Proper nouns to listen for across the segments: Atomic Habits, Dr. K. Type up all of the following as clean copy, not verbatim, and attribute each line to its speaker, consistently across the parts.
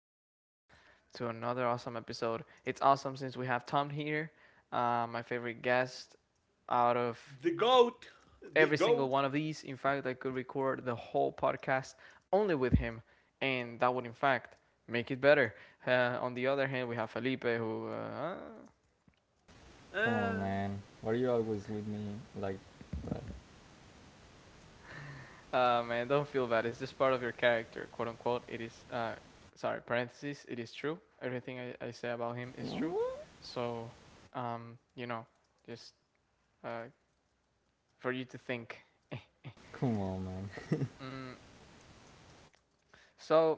Speaker 1: welcome back to another awesome episode. It's awesome since we have Tom here, my favorite guest out of
Speaker 2: The goat. The
Speaker 1: every single
Speaker 2: goat.
Speaker 1: one of these. In fact, I could record the whole podcast only with him, and that would, in fact, make it better. On the other hand, we have Felipe, who
Speaker 3: Come on,
Speaker 2: Uh,
Speaker 3: man. Why are you always with me like that?
Speaker 1: Man, don't feel bad. It's just part of your character, quote unquote. It is, sorry, parentheses, it is true. Everything I say about him is true. So, um, you know, just uh, for you to think.
Speaker 3: Come on, man.
Speaker 1: Mm. So,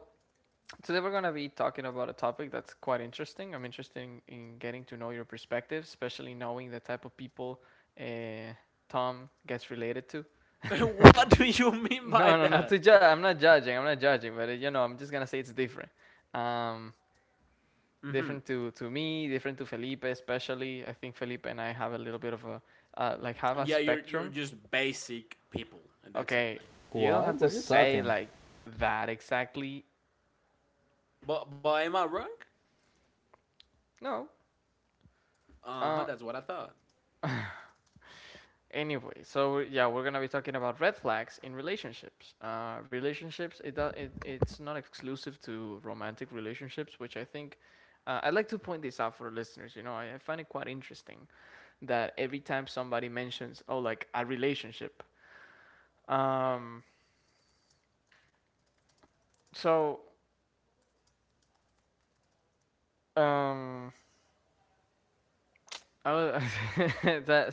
Speaker 1: today we're going to be talking about a topic that's quite interesting. I'm interested in getting to know your perspective, especially knowing the type of people uh, Tom gets related to.
Speaker 2: what do you mean by
Speaker 1: No, no, not to
Speaker 2: that?
Speaker 1: judge. I'm not judging. I'm not judging, but, I'm just going to say it's different. Um,
Speaker 2: hmm
Speaker 1: different to me, different to Felipe, especially. I think Felipe and I have a little bit of a have a
Speaker 2: Yeah, you're
Speaker 1: spectrum.
Speaker 2: just basic people, and that's it.
Speaker 1: Okay,
Speaker 2: Like,
Speaker 1: you don't
Speaker 3: What?
Speaker 1: have to
Speaker 3: What are you
Speaker 1: say
Speaker 3: talking?
Speaker 1: like that exactly.
Speaker 2: but am I wrong?
Speaker 1: No.
Speaker 2: Uh huh.
Speaker 1: Uh.
Speaker 2: That's what I thought.
Speaker 1: Anyway, so yeah, we're gonna be talking about red flags in relationships. Relationships. It does. It's not exclusive to romantic relationships, which I think. I'd like to point this out for listeners. You know, I find it quite interesting that every time somebody mentions, oh, like a relationship, um, so Um, I was that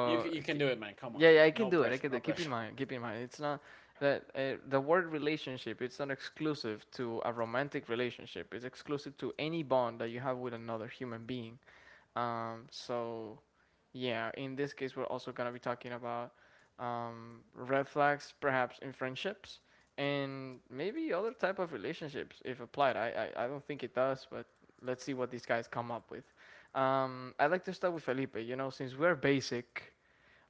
Speaker 2: You can
Speaker 1: ki-
Speaker 2: do it, man. Come on.
Speaker 1: yeah, yeah, I can
Speaker 2: No
Speaker 1: do it. I
Speaker 2: pressure.
Speaker 1: can do
Speaker 2: No
Speaker 1: it.
Speaker 2: pressure.
Speaker 1: Keep in mind, it's not that the word relationship. It's not exclusive to a romantic relationship. It's exclusive to any bond that you have with another human being. Um, so, yeah, in this case, we're also going to be talking about red flags, perhaps in friendships and maybe other type of relationships if applied. I don't think it does, but let's see what these guys come up with. I'd like to start with Felipe. You know, since we're basic,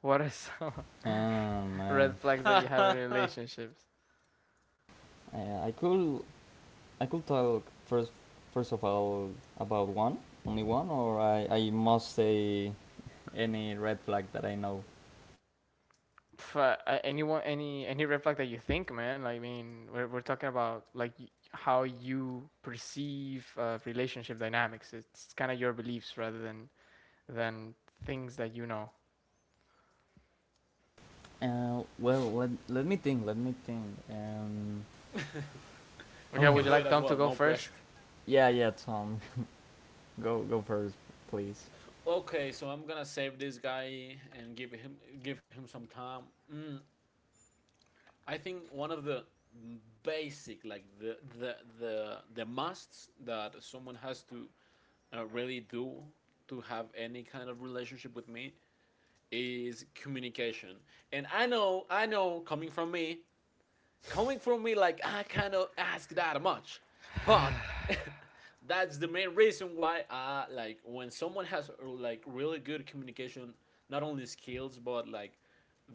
Speaker 1: what are some
Speaker 3: Oh,
Speaker 1: red
Speaker 3: man.
Speaker 1: flags that you have in relationships?
Speaker 3: I, I could I could talk first first of all about one, only one, or I must say any red flag that I know.
Speaker 1: Anyone, any red flag that you think, man. Like, I mean, we're talking about like how you perceive relationship dynamics. It's kind of your beliefs rather than than things that you know.
Speaker 3: Well, let me think. Let me think.
Speaker 2: You
Speaker 1: Okay, would
Speaker 2: can
Speaker 1: you
Speaker 2: do
Speaker 3: Oh.
Speaker 2: it
Speaker 1: like
Speaker 2: as
Speaker 1: Tom to
Speaker 2: well.
Speaker 1: go
Speaker 2: No pressure.
Speaker 1: first?
Speaker 3: Yeah, yeah, Tom. Go first, please.
Speaker 2: Okay, so I'm gonna save this guy and give him some time. Mm, I think one of the basic, like the musts that someone has to really do to have any kind of relationship with me is communication. And I know, coming from me, like I cannot ask that much, but that's the main reason why, like when someone has, like really good communication, not only skills but like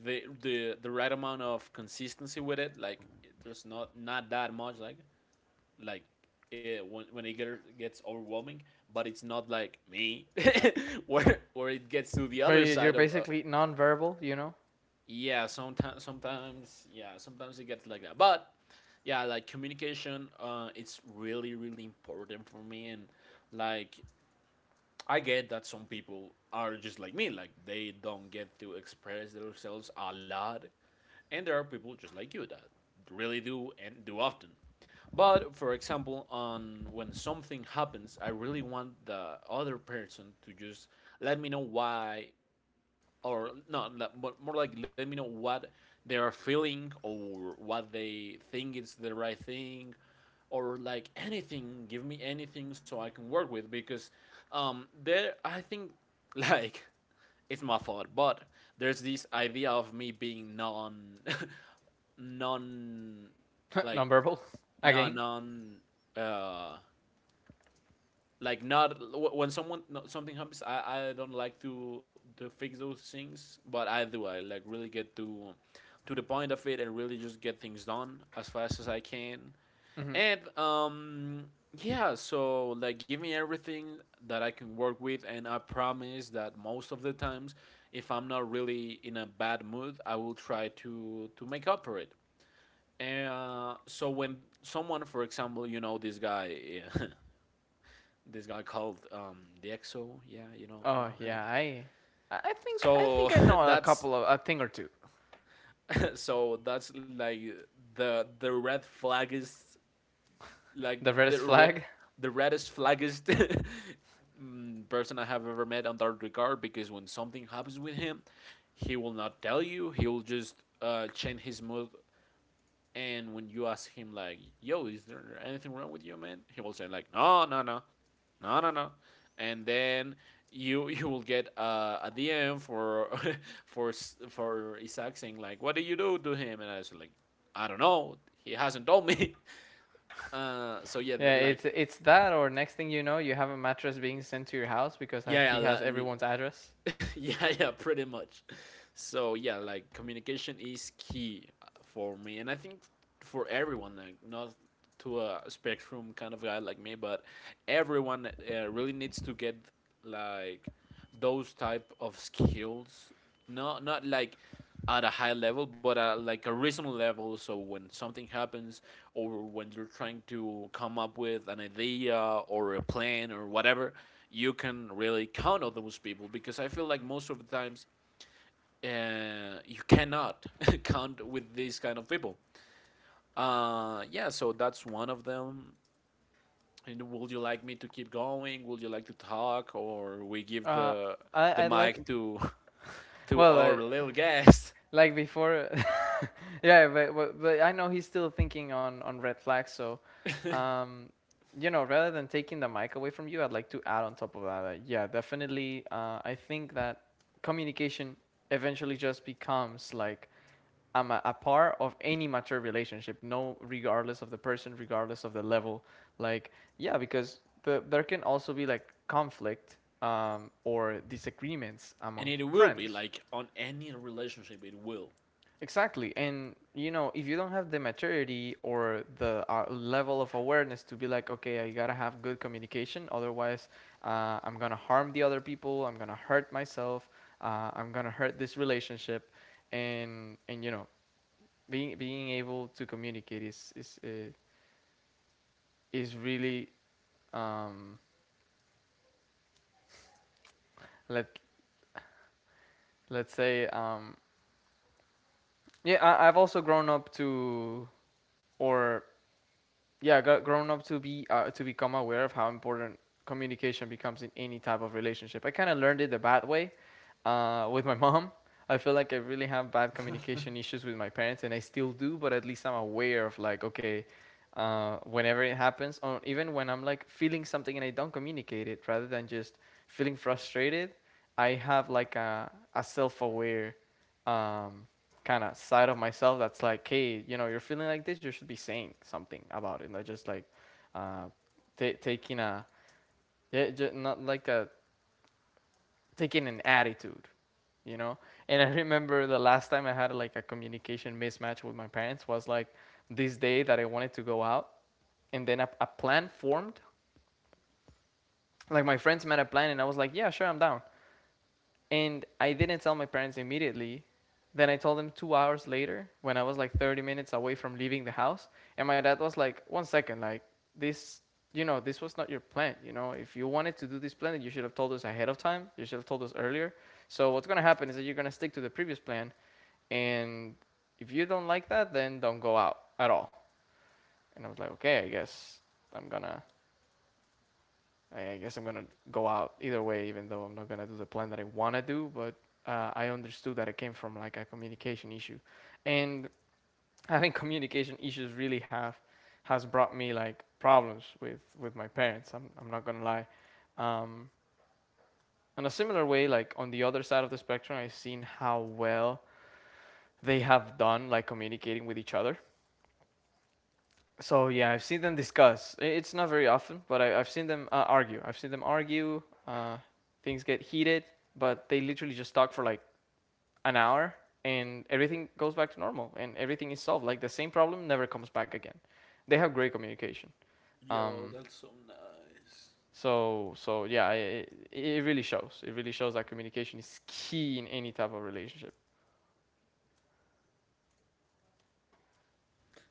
Speaker 2: the right amount of consistency with it. Like there's not that much like, when when it gets overwhelming, but it's not like me where it gets to the
Speaker 1: Where
Speaker 2: other
Speaker 1: you're
Speaker 2: side of,
Speaker 1: basically nonverbal, you know?
Speaker 2: yeah, sometimes, sometimes, yeah, sometimes it gets like that. But yeah, like communication, it's really, really important for me. And like, I get that some people are just like me, like they don't get to express themselves a lot, and there are people just like you that really do and do often. But for example, on when something happens, I really want the other person to just let me know why, or not, but more like let me know what they are feeling or what they think is the right thing, or like anything, give me anything so I can work with. Because there, I think, like it's my fault, but there's this idea of me being non, non, like
Speaker 1: Nonverbal
Speaker 2: non
Speaker 1: again.
Speaker 2: non uh like not, when someone no, something happens, I don't like to fix those things, but I do, I like really get to the point of it and really just get things done as fast as I can.
Speaker 1: Hmm.
Speaker 2: And yeah, so like give me everything that I can work with, and I promise that most of the times, if I'm not really in a bad mood, I will try to make up for it. And so when someone, for example, you know, this guy, yeah, this guy called the Exo. Yeah, you
Speaker 1: Oh
Speaker 2: know him.
Speaker 1: yeah,
Speaker 2: So
Speaker 1: I know a
Speaker 2: that's
Speaker 1: couple of a thing or two.
Speaker 2: so that's like the red flag is, like,
Speaker 1: The reddest
Speaker 2: the
Speaker 1: flag.
Speaker 2: the reddest flaggest person I have ever met on that regard. Because when something happens with him, he will not tell you. He will just change his mood. And when you ask him like, "Yo, is there anything wrong with you, man?" He will say like, "No, no, no, no, no, no," and then you you will get a DM for for for Isaac saying like, "What did you do to him?" And I was like, "I don't know. He hasn't told me." So yeah,
Speaker 1: Yeah,
Speaker 2: like
Speaker 1: it's that or next thing you know, you have a mattress being sent to your house because
Speaker 2: yeah,
Speaker 1: he has
Speaker 2: yeah,
Speaker 1: everyone's address.
Speaker 2: yeah, yeah, pretty much. So yeah, like communication is key, for me, and I think for everyone. Like, not to a spectrum kind of guy like me, but everyone really needs to get like those type of skills. Not like at a high level, but at like a reasonable level. So when something happens, or when you're trying to come up with an idea or a plan or whatever, you can really count on those people, because I feel like most of the times, you cannot count with these kind of people. Yeah, so that's one of them. And would you like me to keep going? Would you like to talk, or we give
Speaker 1: Uh, I
Speaker 2: the
Speaker 1: I like,
Speaker 2: mic to to
Speaker 1: well,
Speaker 2: our little guest?
Speaker 1: like before, yeah, but I know he's still thinking on red flags. So, um, rather than taking the mic away from you, I'd like to add on top of that. Yeah, definitely. I think that communication eventually just becomes like I'm a part of any mature relationship, no, regardless of the person, regardless of the level. Like, yeah, because there can also be like conflict or disagreements
Speaker 2: And
Speaker 1: among
Speaker 2: it will be
Speaker 1: friends.
Speaker 2: like on any relationship, it will.
Speaker 1: Exactly. And if you don't have the maturity or the level of awareness to be like, okay, I gotta have good communication, otherwise, I'm gonna harm the other people, I'm gonna hurt myself, I'm gonna hurt this relationship. And being able to communicate is is really um, let let's say yeah, I've also grown up to or yeah got grown up to be to become aware of how important communication becomes in any type of relationship. I kind of learned it the bad way with my mom. I feel like I really have bad communication issues with my parents, and I still do. But at least I'm aware of like, okay, whenever it happens, or even when I'm like feeling something and I don't communicate it, rather than just feeling frustrated, I have like a self aware um, kind of side of myself that's like, hey, you're feeling like this, you should be saying something about it. Not just like uh, ta taking a, yeah, ju- not like a taking an attitude, you know. And I remember the last time I had like a communication mismatch with my parents was like this day that I wanted to go out, and then a plan formed. Like my friends made a plan, and I was like, yeah, sure, I'm down. And I didn't tell my parents immediately. Then I told them 2 hours later when I was like 30 minutes away from leaving the house. And my dad was like, one second, like this, you know, this was not your plan. You know, if you wanted to do this plan, you should have told us ahead of time. You should have told us earlier. So what's going to happen is that you're going to stick to the previous plan. And if you don't like that, then don't go out at all. And I was like, okay, I guess I'm going to I guess I'm gonna go out either way, even though I'm not gonna do the plan that I wanna do. But I understood that it came from like a communication issue, and I think communication issues really have has brought me like problems with my parents. I'm not gonna lie. Um, in a similar way, like on the other side of the spectrum, I've seen how well they have done like communicating with each other. So yeah, I've seen them discuss. It's not very often, but I've seen them argue. I've seen them argue. Uh, things get heated, but they literally just talk for like an hour, and everything goes back to normal, and everything is solved. Like the same problem never comes back again. They have great communication.
Speaker 2: Yo,
Speaker 1: Um,
Speaker 2: that's so nice.
Speaker 1: yeah, it really shows. It really shows that communication is key in any type of relationship.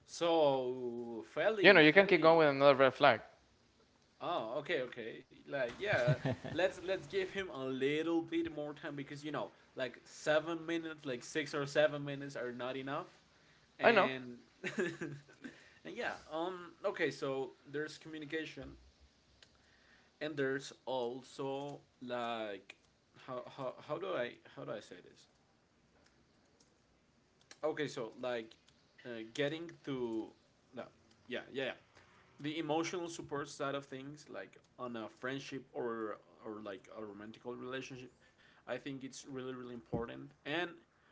Speaker 2: So,
Speaker 1: You know,
Speaker 2: Feli,
Speaker 1: you can not keep going with
Speaker 2: Feli,
Speaker 1: another red flag.
Speaker 2: oh, okay, okay. Like, yeah,
Speaker 3: uh,
Speaker 2: let's give him a little bit more time, because you know, like 7 minutes, like 6 or 7 minutes are not enough.
Speaker 1: I know.
Speaker 2: And and yeah, okay, so there's communication, and there's also like how how do I say this? Okay, so like, getting to no, yeah, yeah, yeah, the emotional support side of things, like on a friendship or like a romantic relationship, I think it's really, really important. And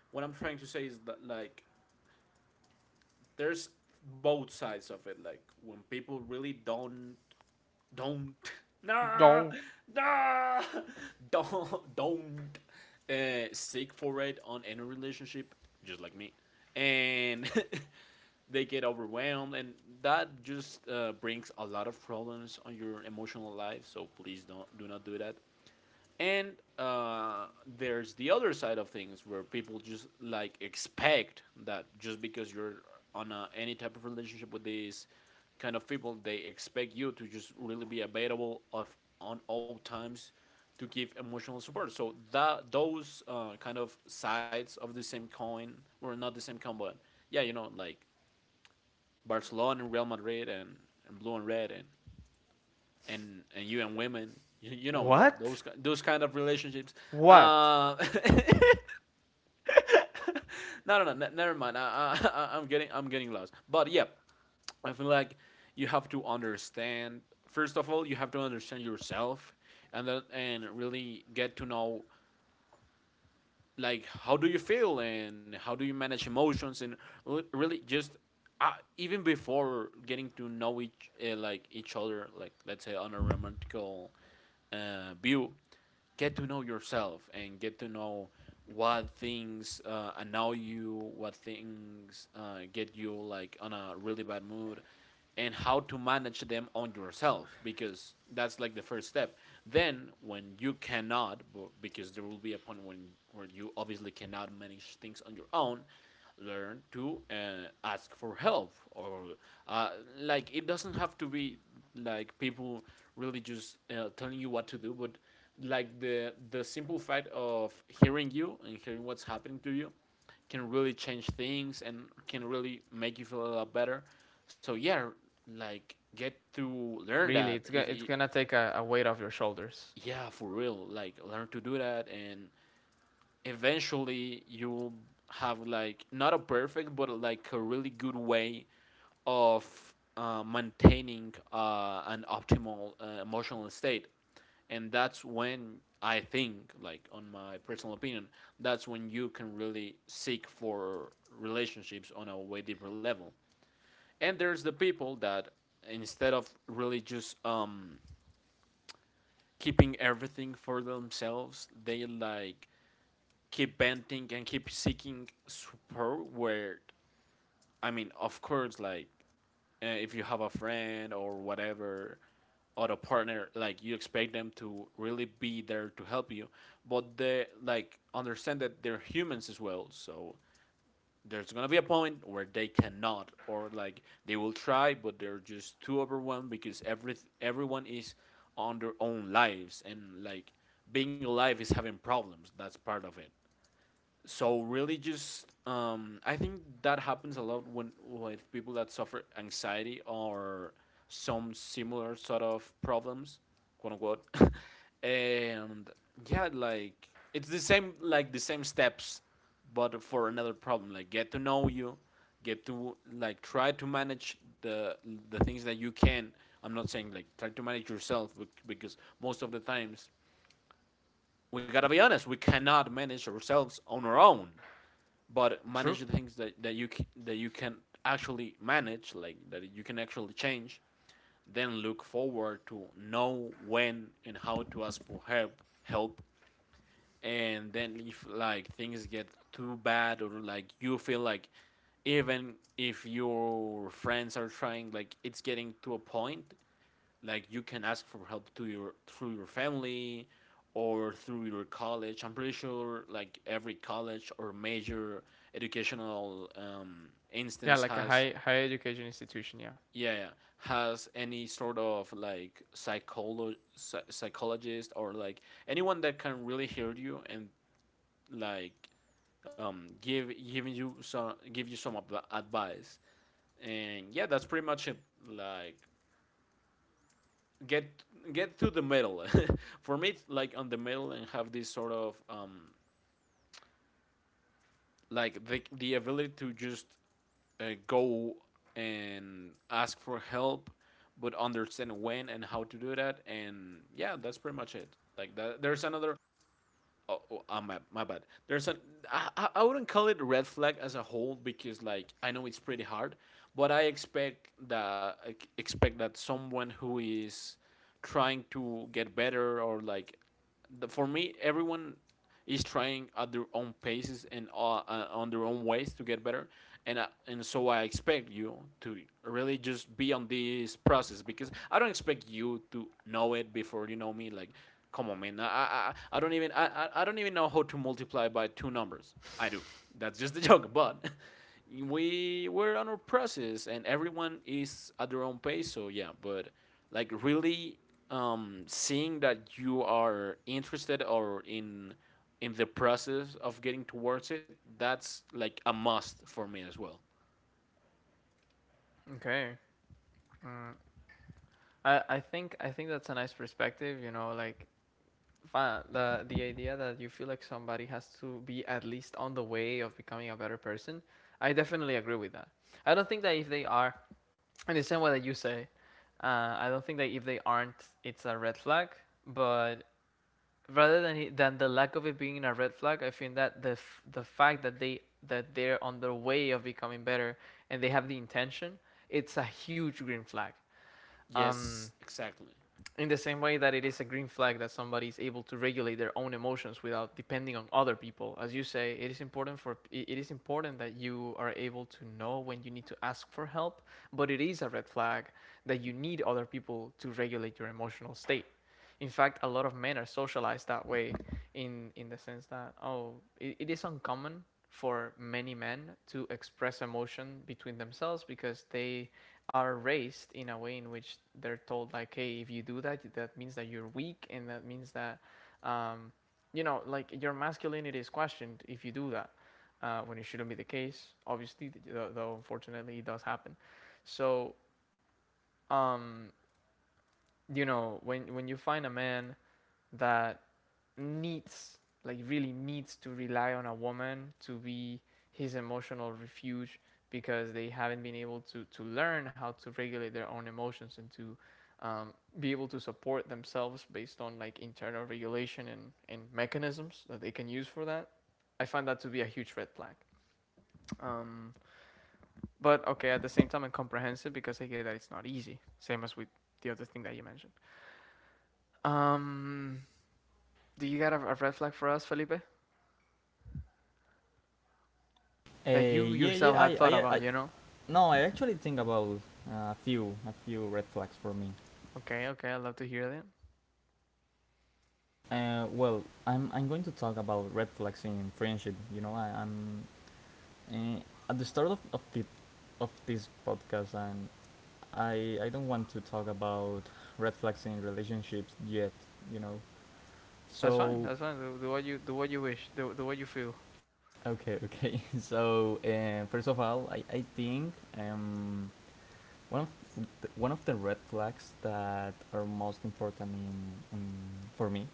Speaker 2: what I'm trying to say is that, like, there's both sides of it. Like when people really don't nah
Speaker 1: No.
Speaker 2: nah don't seek for it on any relationship, just like me, and they get overwhelmed, and that just brings a lot of problems on your emotional life. So please, don't, do not do that. And uh, there's the other side of things, where people just like expect that just because you're on a, any type of relationship with these kind of people, they expect you to just really be available of on all times to give emotional support. So that those, kind of sides of the same coin, were not the same coin, but yeah, you know, like Barcelona and Real Madrid, and blue and red, and you and women, you know those
Speaker 1: What?
Speaker 2: those kind of relationships.
Speaker 1: What?
Speaker 2: Uh, no, no, no, never mind. I'm getting, I'm getting lost. But yeah, I feel like you have to understand. First of all, you have to understand yourself, and then and really get to know, like, how do you feel and how do you manage emotions, and really just uh, even before getting to know each, like each other, like let's say on a romantical view, get to know yourself and get to know what things annoy you, what things get you like on a really bad mood, and how to manage them on yourself, because that's like the first step. Then, when you cannot, because there will be a point when where you obviously cannot manage things on your own, learn to ask for help, or uh, like it doesn't have to be like people really just telling you what to do, but like the simple fact of hearing you and hearing what's happening to you can really change things and can really make you feel a lot better. So yeah, like get to learn
Speaker 1: Really,
Speaker 2: that if
Speaker 1: it's
Speaker 2: y-
Speaker 1: gonna take a weight off your shoulders.
Speaker 2: yeah, for real, like learn to do that. And eventually you will have like not a perfect but like a really good way of maintaining an optimal emotional state. And that's when, I think, like on my personal opinion, that's when you can really seek for relationships on a way deeper level. And there's the people that, instead of really just keeping everything for themselves, they, like, keep venting and keep seeking support, where, I mean, of course, like, if you have a friend or whatever, or a partner, like you expect them to really be there to help you, but they like, understand that they're humans as well. So there's gonna be a point where they cannot, or like they will try, but they're just too overwhelmed, because everyone is on their own lives, and like being alive is having problems, that's part of it. So really just, I think that happens a lot when with people that suffer anxiety or some similar sort of problems, quote unquote. And yeah, like it's the same, like the same steps, but for another problem. Like get to know you, get to like try to manage the things that you can. I'm not saying like try to manage yourself, because most of the times, we gotta be honest, we cannot manage ourselves on our own. But
Speaker 1: True.
Speaker 2: manage the that you can actually manage, like that you can actually change. Then look forward to know when and how to ask for help and then if like things get too bad, or like you feel like even if your friends are trying, like it's getting to a point, like you can ask for help to your through your family, or through your college. I'm pretty sure like every college or major educational,
Speaker 1: Yeah,
Speaker 2: instance
Speaker 1: like a
Speaker 2: has
Speaker 1: high education institution. Yeah.
Speaker 2: yeah, yeah, has any sort of like psychologist, or like anyone that can really hear you and like, give giving you some give you some adv- advice. And yeah, that's pretty much it. Like get to the middle. For me, it's like on the middle, and have this sort of, like the ability to just go and ask for help, but understand when and how to do that. And yeah, that's pretty much it. Like that, there's another. Oh, oh my, my bad There's I wouldn't call it a red flag as a whole, because like I know it's pretty hard. But I expect that expect that someone who is trying to get better, or like for me, everyone is trying at their own paces and on their own ways to get better. And so I expect you to really just be on this process, because I don't expect you to know it before you know me. Like, come on, man, I don't even know how to multiply by two numbers I do That's just a joke. But we're on our process, and everyone is at their own pace, so yeah. But like, really, seeing that you are interested, or in the process of getting towards it, that's like a must for me as well.
Speaker 1: Okay. Mm. I think that's a nice perspective. You know, like the idea that you feel like somebody has to be at least on the way of becoming a better person. I definitely agree with that. I don't think that if they are, and the same way that you say, I don't think that if they aren't, it's a red flag. But rather than than the lack of it being a red flag, I think that the fact that they're on their way of becoming better and they have the intention, it's a huge green flag. Um,
Speaker 2: Yes, exactly.
Speaker 1: in the same way that it is a green flag that somebody is able to regulate their own emotions without depending on other people, as you say, it is important for it is important that you are able to know when you need to ask for help, but it is a red flag that you need other people to regulate your emotional state. In fact, a lot of men are socialized that way, in the sense that, oh, it is uncommon for many men to express emotion between themselves because they are raised in a way in which they're told, like, hey, if you do that, that means that you're weak and that means that um, like your masculinity is questioned if you do that, when it shouldn't be the case, obviously, though unfortunately it does happen. So um, when you find a man that needs really needs to rely on a woman to be his emotional refuge, because they haven't been able to learn how to regulate their own emotions and to um, be able to support themselves based on like internal regulation and mechanisms that they can use for that. I find that to be a huge red flag. Um, but okay, at the same time, I'm comprehensive because I get that it's not easy. Same as with the other thing that you mentioned. Um, do you got a red flag for us, Felipe? That you
Speaker 3: yeah,
Speaker 1: yourself
Speaker 3: yeah.
Speaker 1: had thought
Speaker 3: I
Speaker 1: about, you know?
Speaker 3: No, I actually think about a few red flags for me.
Speaker 1: Okay, okay, I'd love to hear that.
Speaker 3: Well, I'm going to talk about red flags in friendship. You know, I, I'm uh, at the start of this podcast, and I don't want to talk about red flags in relationships yet. You know,
Speaker 1: That's fine.
Speaker 3: so
Speaker 1: That's fine. Do what you wish. Do what you feel.
Speaker 3: okay, okay. First of all, I think um one of one of the red flags that are most important in for me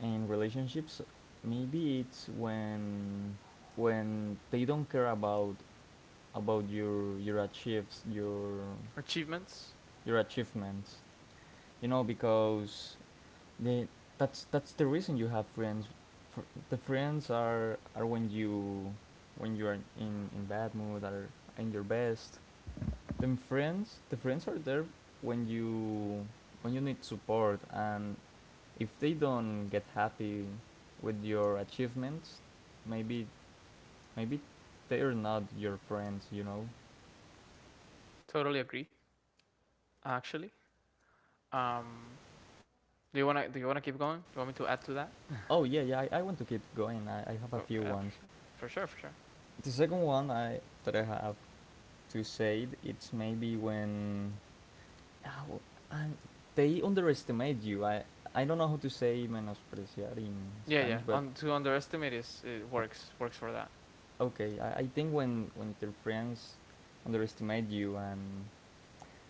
Speaker 3: in relationships, maybe it's when they don't care about about
Speaker 1: Achievements.
Speaker 3: your achievements, you know, because they that's the reason you have friends. Fr- the friends are, when you when you are in bad mood, are in your best, then friends the friends are there when you when you need support, and if they don't get happy with your achievements, maybe maybe they're not your friends, you know.
Speaker 1: Totally agree. Actually, um, do you wanna keep going? Do you want me to add to that?
Speaker 3: Oh yeah, yeah. I want to keep going. I have a
Speaker 1: Go,
Speaker 3: few
Speaker 1: yeah, for
Speaker 3: ones.
Speaker 1: sure, for sure, for sure.
Speaker 3: The second one I that I have to say, it's maybe when ah, w- I- they underestimate you. I don't know how to say menospreciar in
Speaker 1: Yeah, yeah.
Speaker 3: Spanish, but
Speaker 1: On to underestimate is it works works for that.
Speaker 3: okay. I think when their friends underestimate you,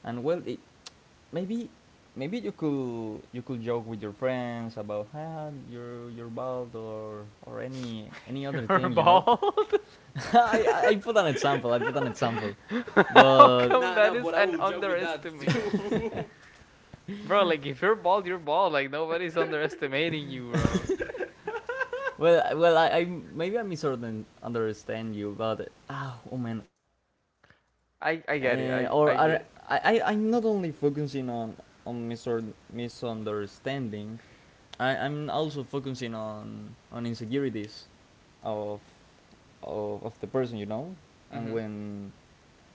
Speaker 3: and well, I maybe maybe you could joke with your friends about your bald or any other
Speaker 1: You're
Speaker 3: thing, you know.
Speaker 1: bald.
Speaker 3: I put an example I put an example.
Speaker 1: How
Speaker 3: But
Speaker 1: come
Speaker 2: Nah,
Speaker 1: that
Speaker 2: nah,
Speaker 1: is
Speaker 2: but I
Speaker 1: an
Speaker 2: will joke with that
Speaker 1: underestimate,
Speaker 2: too.
Speaker 1: bro? Like if you're bald, you're bald. Like nobody's underestimating you, bro.
Speaker 3: well I maybe I misunderstand understand you, but ah, oh man.
Speaker 1: I get it.
Speaker 3: Uh,
Speaker 1: I
Speaker 3: or
Speaker 1: I get.
Speaker 3: are, I I'm not only focusing on misunderstanding, I I'm also focusing on of of the person, you know. And
Speaker 1: Mm-hmm.
Speaker 3: when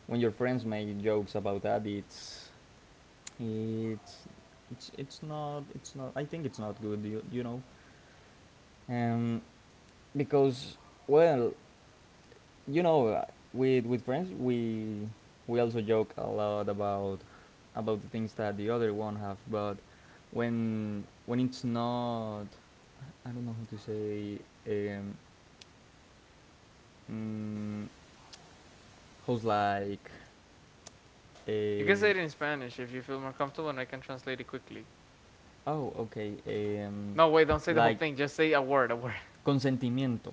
Speaker 3: when your friends make jokes about that, it's it's not. I think it's not good. You know, um, because, well, you know, with friends we also joke a lot about the things that the other one have, but when it's not, I don't know how to say, um, mm, how's like,
Speaker 1: You can
Speaker 3: uh,
Speaker 1: say it in Spanish if you feel more comfortable, and I can translate it quickly.
Speaker 3: oh, okay, um,
Speaker 1: No, wait, don't say the whole
Speaker 3: like
Speaker 1: thing. Just say a word.
Speaker 3: consentimiento,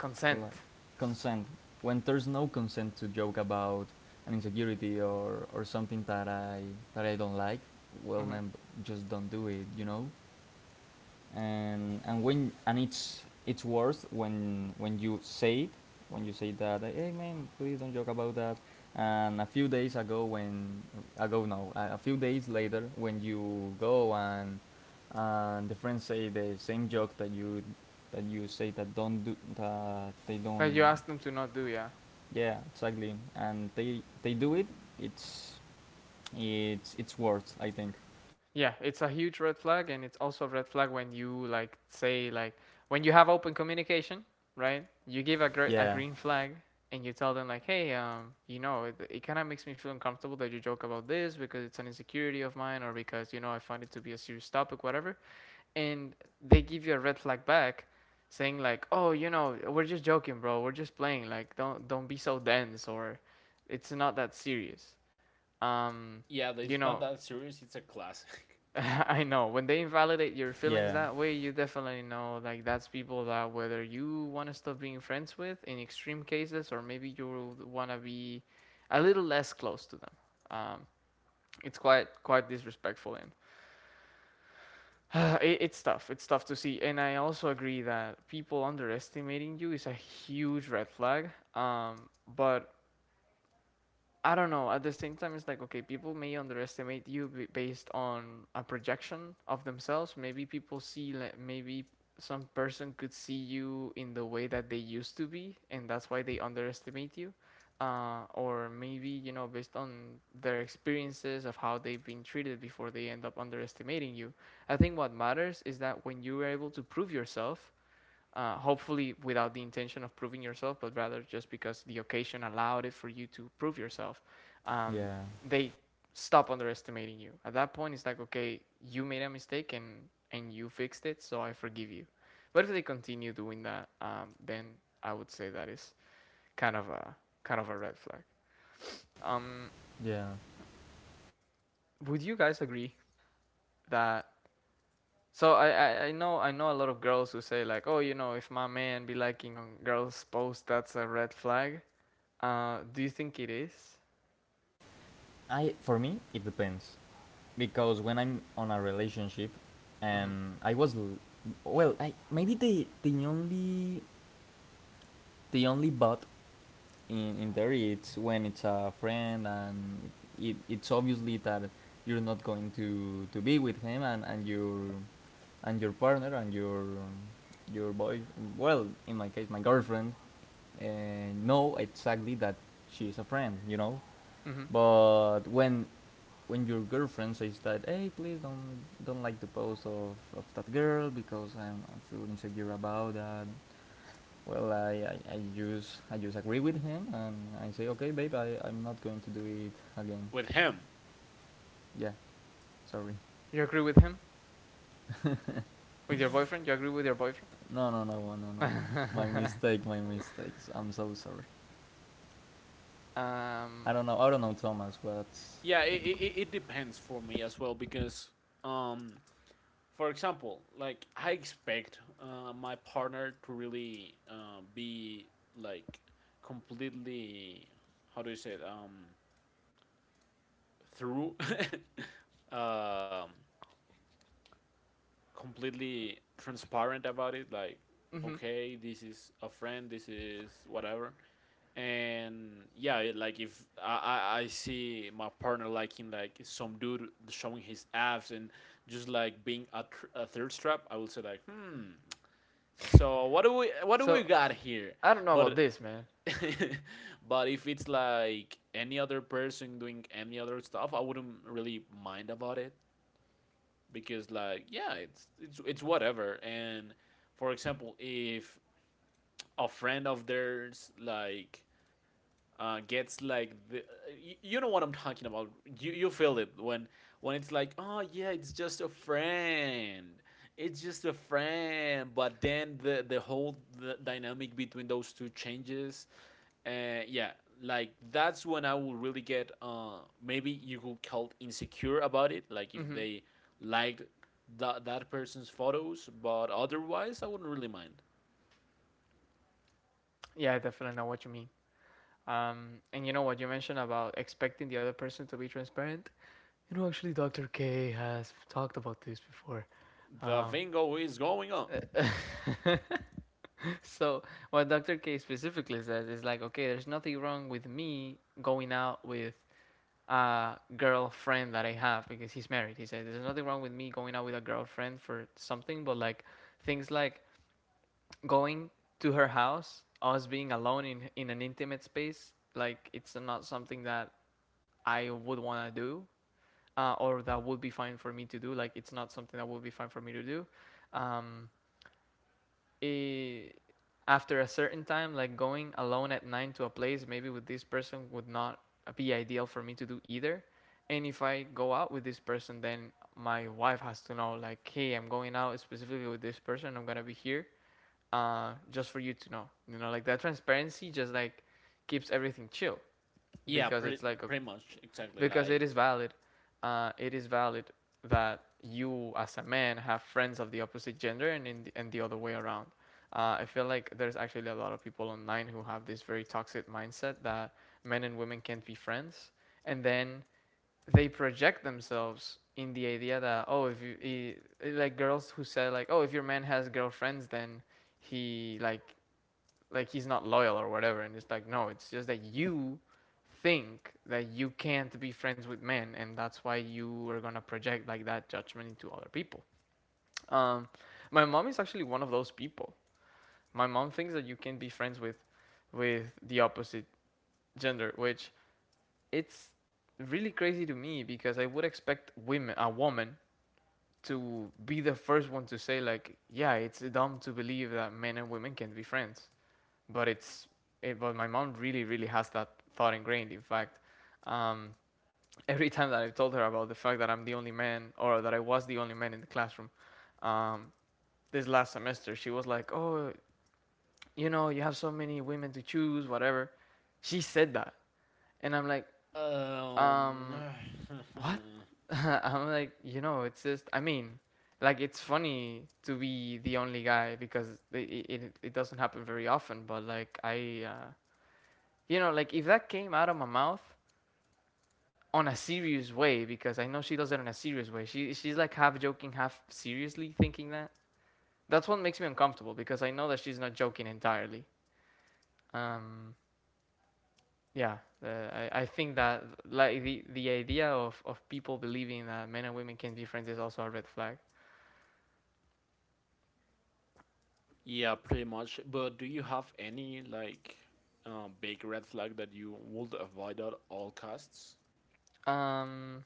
Speaker 1: Consent.
Speaker 3: like consent, when there's no consent to joke about an insecurity or something that I don't like. Well,
Speaker 1: Hmm.
Speaker 3: man, just don't do it, you know. And it's worse when you say it, when you say that, like, hey man, please don't joke about that. And a few days ago when ago no a a few days later, when you go, and the friends say the same joke that you say that, don't do that, they
Speaker 1: That you
Speaker 3: don't.
Speaker 1: ask them to not do, yeah.
Speaker 3: Yeah, exactly. And they do it. It's it's worth, I think.
Speaker 1: Yeah, it's a huge red flag, and it's also a red flag when you say like when you have open communication, right? You give a
Speaker 3: Yeah,
Speaker 1: green flag, and you tell them like, hey, you know, it kind of makes me feel uncomfortable that you joke about this because it's an insecurity of mine, or because you know I find it to be a serious topic, whatever. And they give you a red flag back, saying like, oh, you know, we're just joking, bro, we're just playing, like, don't be so dense, or it's not that serious um
Speaker 2: Yeah,
Speaker 1: you
Speaker 2: it's not
Speaker 1: know.
Speaker 2: that serious. It's a classic.
Speaker 1: I know when they invalidate your feelings
Speaker 3: yeah,
Speaker 1: that way, you definitely know like that's people that whether you want to stop being friends with in extreme cases, or maybe you want to be a little less close to them um it's quite disrespectful and it's tough. It's tough to see, and I also agree that people underestimating you is a huge red flag. But I don't know. At the same time, it's like, okay, people may underestimate you based on a projection of themselves. Maybe people see, like, maybe some person could see you in the way that they used to be, and that's why they underestimate you. Or maybe, you know, based on their experiences of how they've been treated before, they end up underestimating you. I think what matters is that when you are able to prove yourself, hopefully without the intention of proving yourself, but rather just because the occasion allowed it for you to prove yourself, um,
Speaker 3: yeah,
Speaker 1: they stop underestimating you. At that point, it's like, okay, you made a mistake, and you fixed it, so I forgive you. But if they continue doing that, then I would say that is kind of a kind of a red flag. Um,
Speaker 3: yeah.
Speaker 1: would you guys agree that? So I know I know a lot of girls who say like, oh, you know, if my man be liking on girls' posts, that's a red flag. Do you think it is?
Speaker 3: I, for me, it depends, because when I'm on a relationship,
Speaker 1: Mm-hmm.
Speaker 3: and I was l- well, I maybe the only but in there, it's when it's a friend, and it it's obviously that you're not going to be with him and your partner and your boy, well, in my case, my girlfriend, and know exactly that she's a friend, you know.
Speaker 1: Mm-hmm.
Speaker 3: But when your girlfriend says that, hey, please don't like the post of that girl because I'm, I feel insecure about that. Well, I just agree with him, and I say, okay, babe, I I'm not going to do it again.
Speaker 2: With him.
Speaker 3: Yeah, sorry.
Speaker 1: You agree with him? With your boyfriend? You agree with your boyfriend?
Speaker 3: No, no, no, no, no, no, no. My mistake, my mistakes. I'm so sorry. I
Speaker 1: Um.
Speaker 3: don't know. I don't know, Thomas. What's.
Speaker 2: Yeah, it depends for me as well, because, um, for example, like I expect my partner to really be like completely — how do you say it? Through — um, completely transparent about it. Like,
Speaker 1: Hmm.
Speaker 2: okay, this is a friend, this is whatever. And yeah, like if I, I see my partner liking like some dude showing his abs, and just like being a, a third strap, I will say like, hmm, so what do we
Speaker 1: So
Speaker 2: got here?
Speaker 1: I don't know about
Speaker 2: But
Speaker 1: this, man.
Speaker 2: but if it's like any other person doing any other stuff, I wouldn't really mind about it, because like, yeah, it's whatever. And, for example, if a friend of theirs like gets like you know what I'm talking about. You feel it when it's like, oh yeah, it's just a friend. It's just a friend, but then the whole the dynamic between those two changes. Yeah, like, that's when I will really get, maybe you could call it insecure about it, like if
Speaker 1: Mm-hmm.
Speaker 2: they liked that person's photos. But otherwise, I wouldn't really mind.
Speaker 1: Yeah, I definitely know what you mean. And you know what you mentioned about expecting the other person to be transparent. You know, actually, Dr. K has talked about this before.
Speaker 2: The
Speaker 1: Um,
Speaker 2: bingo is going on.
Speaker 1: so what Dr. K specifically says is like, okay, there's nothing wrong with me going out with girlfriend that I have because he's married. He says there's nothing wrong with me going out with a girlfriend for something, but like things like going to her house, us being alone in an intimate space, like it's not something that I would want to do, or that would be fine for me to do. Like it's not something that would be fine for me to do. Um, eh, After a certain time, like going alone at night to a place, maybe with this person would not be ideal for me to do either. And if I go out with this person, then my wife has to know, like, hey, I'm going out specifically with this person. I'm gonna be here, just for you to know. You know, like that transparency just like keeps everything chill
Speaker 2: Yeah,
Speaker 1: because it's like, okay,
Speaker 2: pretty much exactly,
Speaker 1: because it
Speaker 2: like,
Speaker 1: is valid. It is valid that you as a man have friends of the opposite gender, and in the, and the other way around. I feel like there's actually a lot of people online who have this very toxic mindset that men and women can't be friends, and then they project themselves in the idea that, oh, if you, like, girls who say like, oh, if your man has girlfriends, then he like he's not loyal or whatever, and it's like, no, it's just that you think that you can't be friends with men, and that's why you are gonna project like that judgment into other people um, my mom is actually one of those people. My mom thinks that you can be friends with the opposite gender, which it's really crazy to me because I would expect women, a woman, to be the first one to say like, yeah, it's dumb to believe that men and women can not be friends, but but my mom really has that thought ingrained. In fact, um, every time that I've told her about the fact that I'm the only man, or that I was the only man in the classroom, um, this last semester she was like, "Oh, you know, you have so many women to choose, whatever." She said that, and I'm like,
Speaker 2: um
Speaker 1: um, "What?" I'm like, you know, it's just, I mean, like it's funny to be the only guy because it doesn't happen very often. But like I. You know, like if that came out of my mouth on a serious way, because I know she does it in a serious way. She's like half joking, half seriously thinking that. That's what makes me uncomfortable because I know that she's not joking entirely. Um, yeah, I think that like the idea of people believing that men and women can be friends is also a red flag.
Speaker 2: yeah, pretty much. But do you have any like big red flag that you would avoid at all costs?
Speaker 1: Um,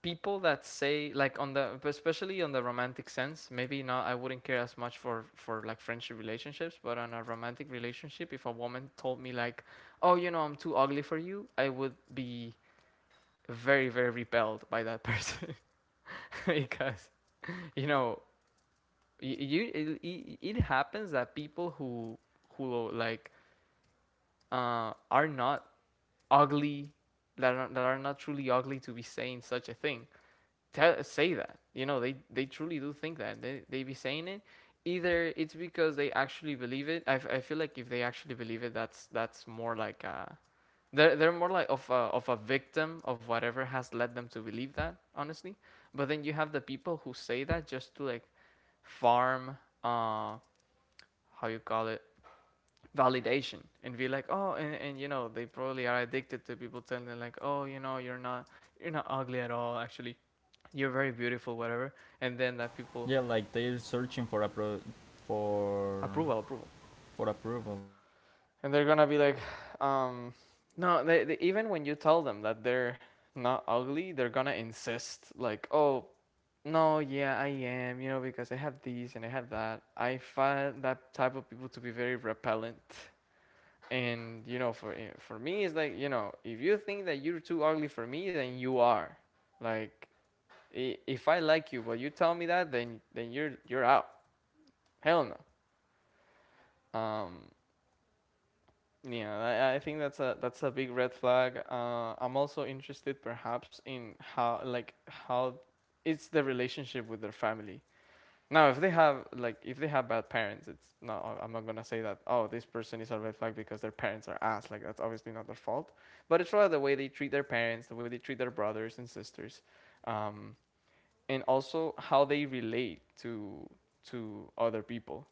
Speaker 1: people that say like on the especially on the romantic sense, maybe not, I wouldn't care as much for like friendship relationships, but on a romantic relationship, if a woman told me like, oh, you know, I'm too ugly for you, I would be very repelled by that person because, you know, you it happens that people who like are not ugly, that are not truly ugly to be saying such a thing, tell, say that. You know, they truly do think that. They be saying it. Either it's because they actually believe it. I feel like if they actually believe it, that's more like a, they're more like of a victim of whatever has led them to believe that. Honestly, but then you have the people who say that just to like farm, uh how you call it, validation, and be like, oh, and you know they probably are addicted to people telling them like, oh, you know, you're not ugly at all, actually, you're very beautiful, whatever. And then that people
Speaker 3: Yeah, like they're searching for for
Speaker 1: approval, approval,
Speaker 3: for approval.
Speaker 1: and they're gonna be like, um, no, they, even when you tell them that they're not ugly, they're gonna insist like, oh, no, yeah, I am, you know, because I have these and I have that. I find that type of people to be very repellent. And you know, for for me, it's like, you know, if you think that you're too ugly for me, then you are. Like, if I like you, but you tell me that, then you're out. Hell no. Yeah, I think that's a big red flag. I'm also interested, perhaps, in how how it's the relationship with their family. Now, if they have like if they have bad parents, it's no. I'm not gonna say that. Oh, this person is a red flag because their parents are ass. Like that's obviously not their fault. But it's rather the way they treat their parents, the way they treat their brothers and sisters, um, and also how they relate to other people.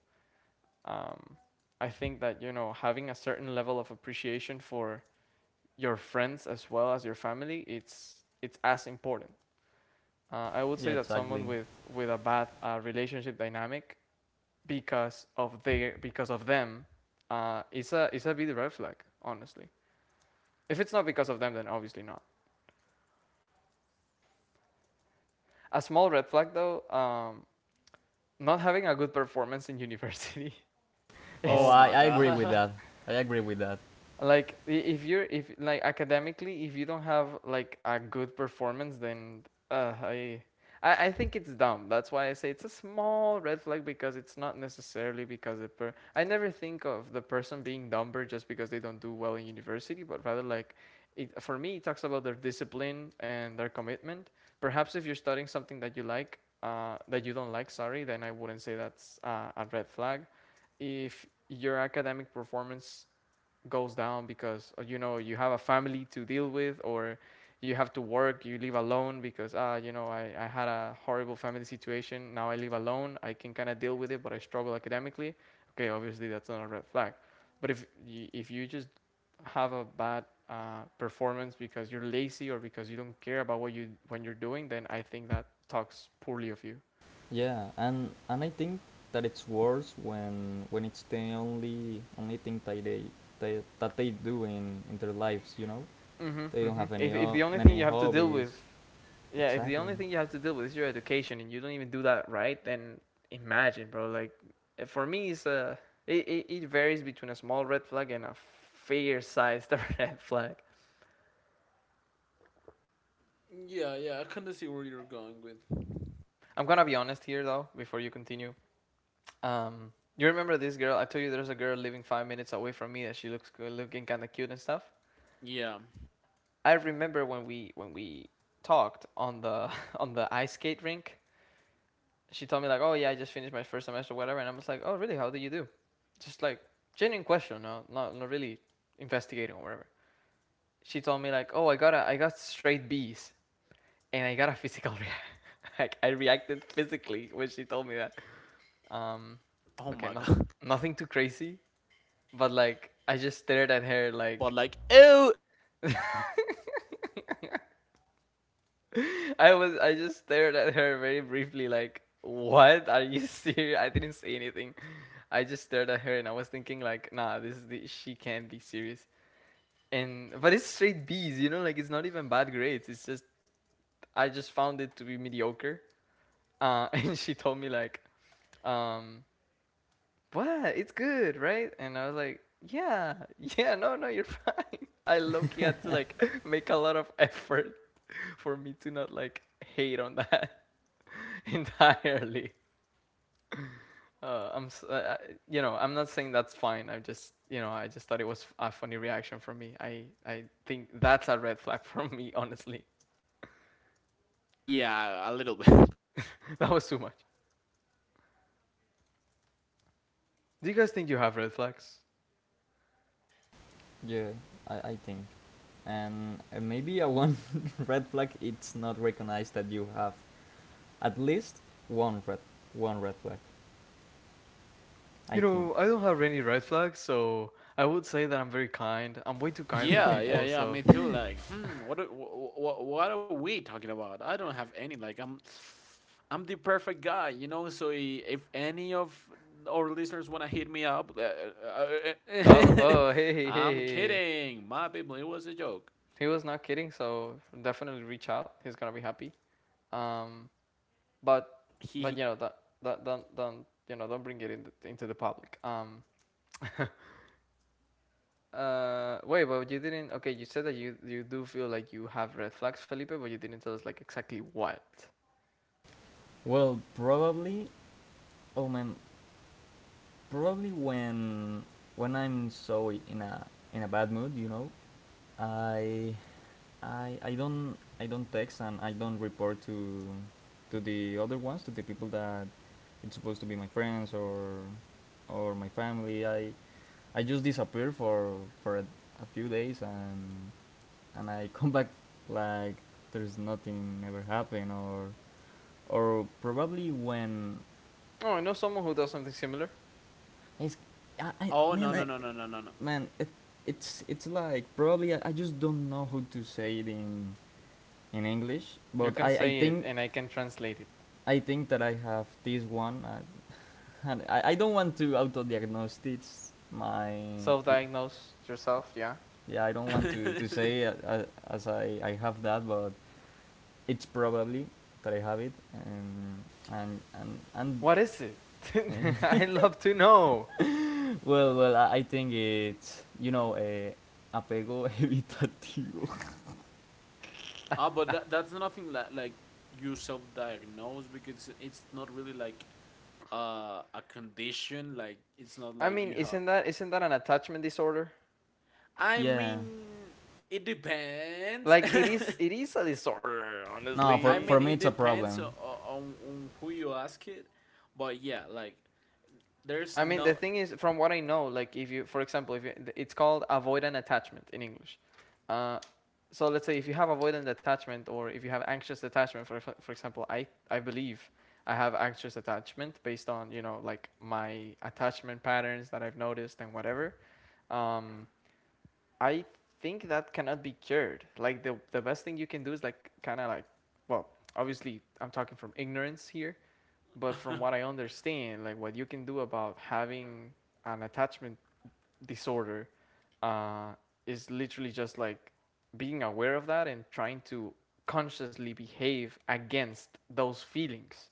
Speaker 1: Um, I think that, you know, having a certain level of appreciation for your friends as well as your family, it's as important. I would
Speaker 3: Yeah,
Speaker 1: say that someone
Speaker 3: exactly.
Speaker 1: with a bad relationship dynamic because of their because of them is a big red flag. Honestly, if it's not because of them, then obviously not. A small red flag though, not having a good performance in university
Speaker 3: Oh,
Speaker 2: Oh
Speaker 1: is
Speaker 3: I,
Speaker 2: my
Speaker 3: I agree with
Speaker 2: god.
Speaker 3: that. I agree with that.
Speaker 1: like if you're if like academically, if you don't have like a good performance, then uh, I, I think it's dumb. That's why I say it's a small red flag because it's not necessarily because the per. I never think of the person being dumber just because they don't do well in university, but rather like, it for me it talks about their discipline and their commitment. Perhaps if you're studying something that you like, that you don't like, sorry, then I wouldn't say that's a red flag if your academic performance goes down because you know you have a family to deal with, or you have to work, you live alone. Because you know, I had a horrible family situation, now I live alone, I can kind of deal with it, but I struggle academically. Okay, obviously that's not a red flag. But if you just have a bad performance because you're lazy or because you don't care about what you when you're doing, then I think that talks poorly of you.
Speaker 3: Yeah, and I think that it's worse when it's the only thing that they do in their lives. You know, they don't have
Speaker 1: If the only thing
Speaker 3: many
Speaker 1: you have to deal with.
Speaker 3: hobbies.
Speaker 1: Yeah, if the
Speaker 3: Exactly.
Speaker 1: only thing you have to deal with is your education and you don't even do that right, then imagine, bro. Like, for me, it's a it varies between a small red flag and a fair-sized red flag.
Speaker 2: Yeah, yeah, I kind of see where you're going with.
Speaker 1: I'm gonna be honest here though, before you continue. You remember this girl? I told you there's a girl living 5 minutes away from me that she looks good, looking kind of cute and stuff.
Speaker 2: Yeah.
Speaker 1: I remember when we talked on the on the ice skate rink. She told me like, "Oh yeah, I just finished my first semester, whatever," and I was like, "Oh really? How did you do?" Just like genuine question, no, not really investigating or whatever. She told me like, "Oh, I got straight B's, and I got a physical reaction. Like I reacted physically when she told me that." Um,
Speaker 2: Oh
Speaker 1: okay,
Speaker 2: my
Speaker 1: not
Speaker 2: god.
Speaker 1: nothing too crazy, but like I just stared at her
Speaker 2: But
Speaker 1: like.
Speaker 2: like, oh,
Speaker 1: I just stared at her very briefly like, what, are you serious? I didn't say anything, I just stared at her and I was thinking like, nah, this is the, she can't be serious. And but it's straight B's, you know, like it's not even bad grades. It's just I just found it to be mediocre. And she told me like, um, what? It's good, right? And I was like, yeah, yeah, no, no, you're fine. I low key had to like make a lot of effort for me to not like hate on that entirely. uh, I'm, uh, you know, I'm not saying that's fine. I just, you know, I just thought it was a funny reaction from me. I think that's a red flag from me, honestly.
Speaker 2: yeah, a little bit.
Speaker 1: That was too much. Do you guys think you have red flags?
Speaker 3: Yeah, I think. And maybe a one red flag. It's not recognized that you have at least one red one red flag. I
Speaker 1: You
Speaker 3: think.
Speaker 1: know, I don't have any red flags, so I would say that I'm very kind. I'm way too kind with
Speaker 2: Yeah, yeah,
Speaker 1: people,
Speaker 2: yeah.
Speaker 1: so.
Speaker 2: Me too. Like, hmm, what are we talking about? I don't have any. Like, I'm the perfect guy, you know. So if any of our listeners wanna hit me up,
Speaker 1: Oh, oh, hey, hey, hey,
Speaker 2: I'm
Speaker 1: hey, hey.
Speaker 2: kidding, my people. It was a joke.
Speaker 1: He was not kidding, so definitely reach out. He's gonna be happy. Um, but, but
Speaker 2: He.
Speaker 1: you know, that, that, don't, you know, don't bring it in into the public. Wait, but you didn't. Okay, you said that you do feel like you have red flags, Felipe, but you didn't tell us like exactly what.
Speaker 3: Well, probably. Oh man, probably when I'm so in a bad mood, you know, I I don't, I don't text, and I don't report to the other ones, to the people that it's supposed to be my friends or my family. I just disappear for a few days, and I come back like there's nothing ever happened, or probably when
Speaker 1: Oh, I know someone who does something similar.
Speaker 3: it's
Speaker 2: Oh, no, no,
Speaker 3: I
Speaker 2: no, no, no, no,
Speaker 3: man it, it's like, probably, I just don't know how to say it in English,
Speaker 1: You
Speaker 3: but
Speaker 1: can say it, and I can translate it.
Speaker 3: I think that I have this one. I don't want to auto-diagnose this, my
Speaker 1: Self-diagnose yourself. Yeah.
Speaker 3: yeah I don't
Speaker 2: no.
Speaker 3: want to say as I I have that, but it's probably that I have it, and and
Speaker 1: What is it?
Speaker 3: and.
Speaker 1: I'd love to know.
Speaker 3: Well, well, I think it's, you know, apego evitativo.
Speaker 2: Ah, but that's nothing like you self-diagnose, because it's not really like a condition. Like, it's not
Speaker 1: I
Speaker 2: like
Speaker 1: mean,
Speaker 2: you have.
Speaker 1: isn't that an attachment disorder?
Speaker 2: I
Speaker 3: Yeah.
Speaker 2: mean, it depends.
Speaker 1: Like it is. It is a disorder,
Speaker 3: No,
Speaker 2: I
Speaker 1: honestly.
Speaker 3: for
Speaker 2: mean,
Speaker 3: me
Speaker 2: it
Speaker 3: it's a
Speaker 2: depends
Speaker 3: problem.
Speaker 2: on who you ask it, but yeah, like, there's
Speaker 1: I mean, the
Speaker 2: no.
Speaker 1: thing is, from what I know, like if you, for example, if you, it's called avoidant attachment in English. Uh, so let's say if you have avoidant attachment or if you have anxious attachment, for example, I believe I have anxious attachment based on you know like my attachment patterns that I've noticed and whatever. Um, I think that cannot be cured. Like the best thing you can do is like kind of like, well, obviously I'm talking from ignorance here, but from what I understand, like what you can do about having an attachment disorder uh, is literally just like being aware of that and trying to consciously behave against those feelings.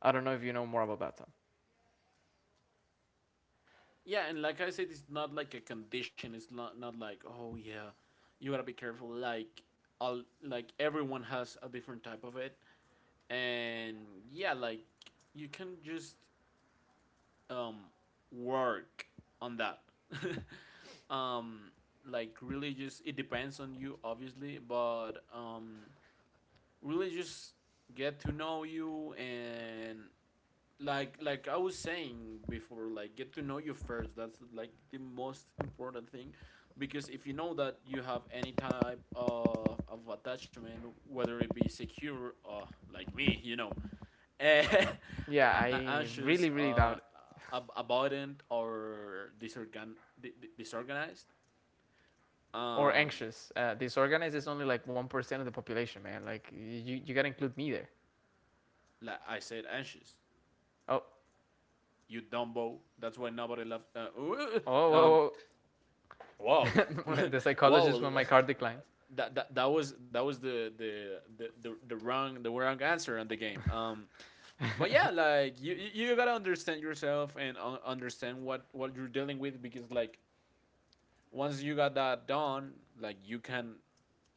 Speaker 1: I don't know if you know more about that, Tom.
Speaker 2: Yeah, and like I said, it's not like a condition. It's not like, oh yeah, you gotta be careful. Like, all, like, everyone has a different type of it, and yeah, like, you can just um work on that. um like, really, just, it depends on you obviously, but really just get to know you. And like I was saying before, like, get to know you first. That's like the most important thing, because if you know that you have any type of attachment, whether it be secure or like me, you know, eh,
Speaker 1: Yeah, I
Speaker 2: anxious,
Speaker 1: really, really doubt it.
Speaker 2: avoidant, or disorganized,
Speaker 1: Or
Speaker 2: um
Speaker 1: anxious. Disorganized is only like 1% of the population, man. Like you gotta include me there.
Speaker 2: like I said, anxious.
Speaker 1: Oh,
Speaker 2: You dumbo, that's why nobody left.
Speaker 1: oh,
Speaker 2: Uh, um
Speaker 1: oh,
Speaker 2: Whoa.
Speaker 1: oh. The psychologist when
Speaker 2: Whoa.
Speaker 1: my card declines.
Speaker 2: that, that that was the wrong the wrong answer on the game. But yeah, like, you gotta understand yourself, and understand what you're dealing with, because like once you got that done, like you can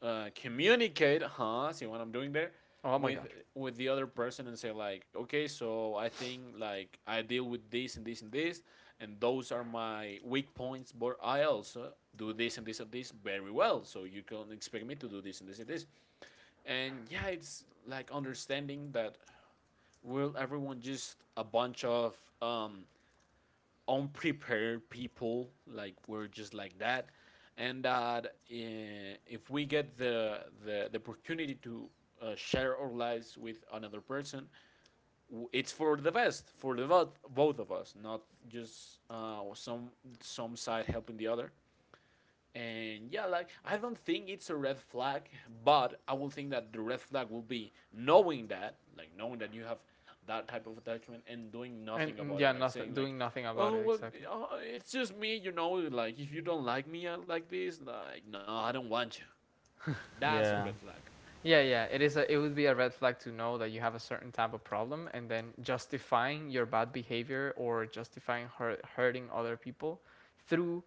Speaker 2: communicate. Huh? See what I'm doing there?
Speaker 1: Oh my
Speaker 2: With
Speaker 1: god.
Speaker 2: the other person, and say like, okay, so I think, like, I deal with this and this and this, and those are my weak points. But I also do this and this and this very well. So you can expect me to do this and this and this. And yeah, it's like understanding that we're — everyone — just a bunch of um, unprepared people. Like, we're just like that. And that, if we get the opportunity to share our lives with another person, it's for the best for the both of us, not just some side helping the other. And yeah, like, I don't think it's a red flag, but I will think that the red flag will be knowing that — like, knowing that you have that type of attachment and doing
Speaker 1: And
Speaker 2: nothing
Speaker 1: mm,
Speaker 2: about
Speaker 1: yeah,
Speaker 2: it — like,
Speaker 1: nothing
Speaker 2: saying
Speaker 1: doing
Speaker 2: like,
Speaker 1: nothing about
Speaker 2: "Oh
Speaker 1: it
Speaker 2: well,
Speaker 1: exactly.
Speaker 2: it's just me," you know, like, if you don't like me like this, like, no, I don't want you. That's a
Speaker 3: Yeah.
Speaker 2: red flag.
Speaker 1: Yeah, yeah. It is a it would be a red flag to know that you have a certain type of problem and then justifying your bad behavior or justifying hurting other people through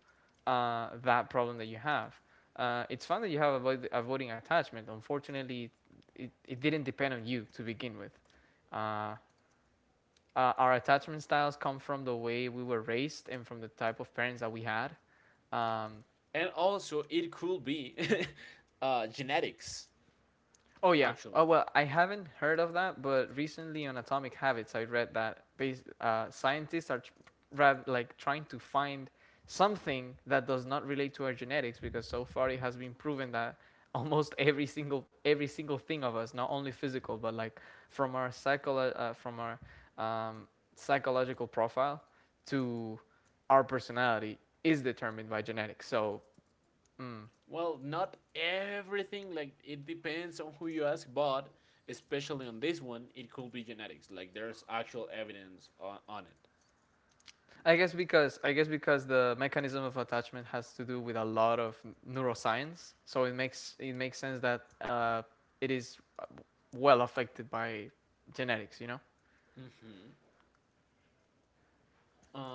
Speaker 1: that problem that you have. It's fun that you have avoiding attachment. Unfortunately, it didn't depend on you to begin with. Uh, our attachment styles come from the way we were raised and from the type of parents that we had. Um.
Speaker 2: And also, it could be genetics,
Speaker 1: Oh yeah.
Speaker 2: actually.
Speaker 1: Oh well, I haven't heard of that, but recently on Atomic Habits, I read that scientists are rather like trying to find something that does not relate to our genetics, because so far it has been proven that almost every single thing of us, not only physical, but like from our from our um, psychological profile to our personality is determined by genetics. So
Speaker 2: Well, not everything, like, it depends on who you ask, but especially on this one, it could be genetics. Like, there's actual evidence on it.
Speaker 1: I guess because the mechanism of attachment has to do with a lot of neuroscience, so it makes sense that it is well affected by genetics, you know.
Speaker 2: Mm-hmm.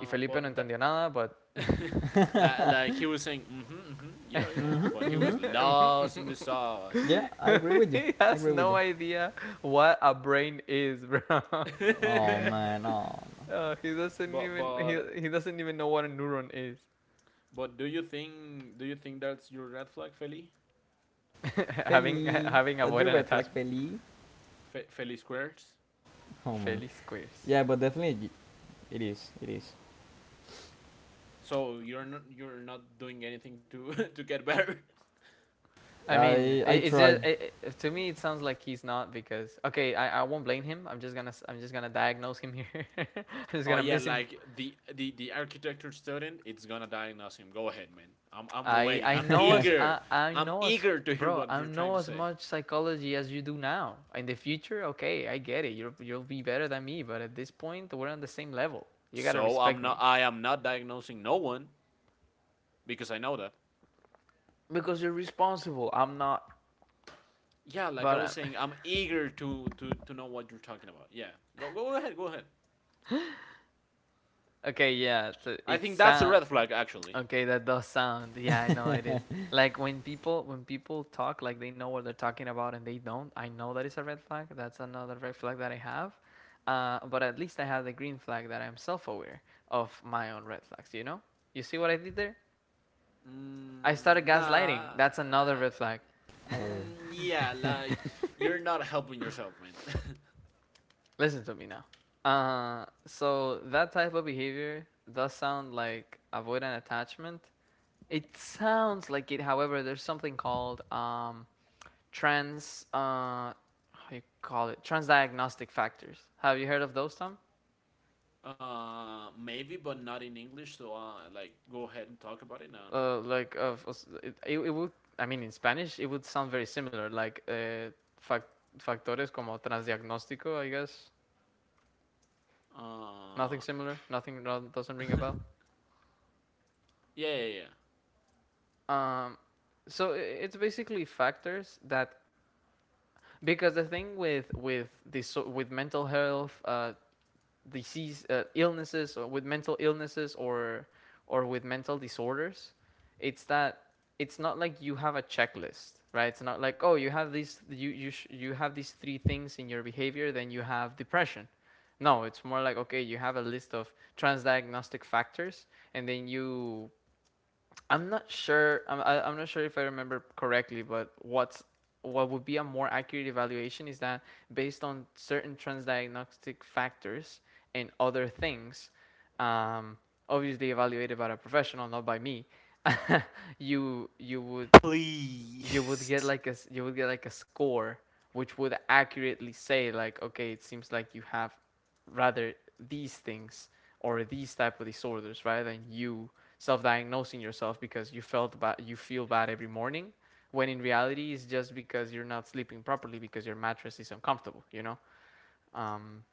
Speaker 1: Y Felipe
Speaker 2: but
Speaker 1: no
Speaker 2: the,
Speaker 1: entendía nada, but
Speaker 2: like he was saying, mm-hmm, mm-hmm, yeah, yeah,
Speaker 3: Mhm.
Speaker 2: but he was
Speaker 3: Mhm.
Speaker 2: lost in the sauce.
Speaker 3: Yeah, I agree with you.
Speaker 1: he
Speaker 3: I
Speaker 1: has
Speaker 3: agree with
Speaker 1: no
Speaker 3: you.
Speaker 1: idea what a brain is, bro.
Speaker 3: Oh man. Oh,
Speaker 2: but but
Speaker 1: He doesn't even know what a neuron is.
Speaker 2: but do you think, that's your red flag, Feli?
Speaker 1: Having
Speaker 2: F-
Speaker 3: Feli,
Speaker 1: having
Speaker 3: that you
Speaker 1: avoidant
Speaker 3: red flag,
Speaker 1: attachment.
Speaker 3: Feli.
Speaker 2: Fe- Feli squares.
Speaker 3: Oh man.
Speaker 1: Feliz queers.
Speaker 3: Yeah, but definitely it is. It is.
Speaker 2: So you're not doing anything to to get better.
Speaker 1: I mean,
Speaker 3: I
Speaker 1: it's
Speaker 3: try.
Speaker 1: just to me it sounds like he's not because okay, I won't blame him. I'm just I'm just gonna diagnose him here. I'm just
Speaker 2: Oh
Speaker 1: gonna
Speaker 2: yeah,
Speaker 1: miss him.
Speaker 2: like the architecture student, it's gonna diagnose him. Go ahead, man. I'm waiting. I'm eager.
Speaker 1: I
Speaker 2: I'm
Speaker 1: know as
Speaker 2: eager to hear
Speaker 1: bro.
Speaker 2: what
Speaker 1: I
Speaker 2: you're trying
Speaker 1: know
Speaker 2: to
Speaker 1: as
Speaker 2: say.
Speaker 1: much psychology as you do now. In the future, okay, I get it. You'll be better than me, but at this point, we're on the same level. You gotta
Speaker 2: So I'm
Speaker 1: respect
Speaker 2: not.
Speaker 1: me
Speaker 2: I am not diagnosing no one, because I know that.
Speaker 1: because you're responsible. I'm not.
Speaker 2: Yeah, like
Speaker 1: But
Speaker 2: I was saying, I'm eager to know what you're talking about. Yeah, go ahead, go ahead.
Speaker 1: okay, yeah, so
Speaker 2: I
Speaker 1: it's
Speaker 2: think that's a
Speaker 1: sad.
Speaker 2: red flag, actually.
Speaker 1: Okay, that does sound. Yeah, I know it is. Like when people talk like they know what they're talking about and they don't, I know that is a red flag. That's another red flag that I have. But at least I have the green flag that I'm self-aware of my own red flags, you know? You see what I did there? I
Speaker 2: Mm,
Speaker 1: started
Speaker 2: nah.
Speaker 1: gaslighting. That's another red flag.
Speaker 2: Uh,
Speaker 3: Oh.
Speaker 2: mm, yeah, like, you're not helping yourself, man.
Speaker 1: Listen to me now. So that type of behavior does sound like avoidant attachment. It sounds like it. However, there's something called trans how you call it, transdiagnostic factors. Have you heard of those, Tom?
Speaker 2: Maybe, but not in English. So, like, go ahead and talk about it. And,
Speaker 1: Like of it, it would. I mean in Spanish it would sound very similar, like fac- factores como transdiagnóstico, I guess.
Speaker 2: uh,
Speaker 1: Nothing similar, nothing, no, doesn't ring a bell.
Speaker 2: yeah, yeah, yeah.
Speaker 1: Um, so it's basically factors that, because the thing with this with mental health disease illnesses, or with mental illnesses, or with mental disorders, it's that it's not like you have a checklist, right? It's not like, oh, you have these you you you have these three things in your behavior, then you have depression. No, it's more like okay, you have a list of transdiagnostic factors, and then you. I'm not sure. I'm not sure if I remember correctly, but what would be a more accurate evaluation is that based on certain transdiagnostic factors and other things, um, obviously evaluated by a professional, not by me, you would you would
Speaker 2: Please.
Speaker 1: get like a you would get like a score, which would accurately say like okay, it seems like you have rather these things or these type of disorders rather than you self-diagnosing yourself because you feel bad every morning when in reality it's just because you're not sleeping properly because your mattress is uncomfortable, you know. um,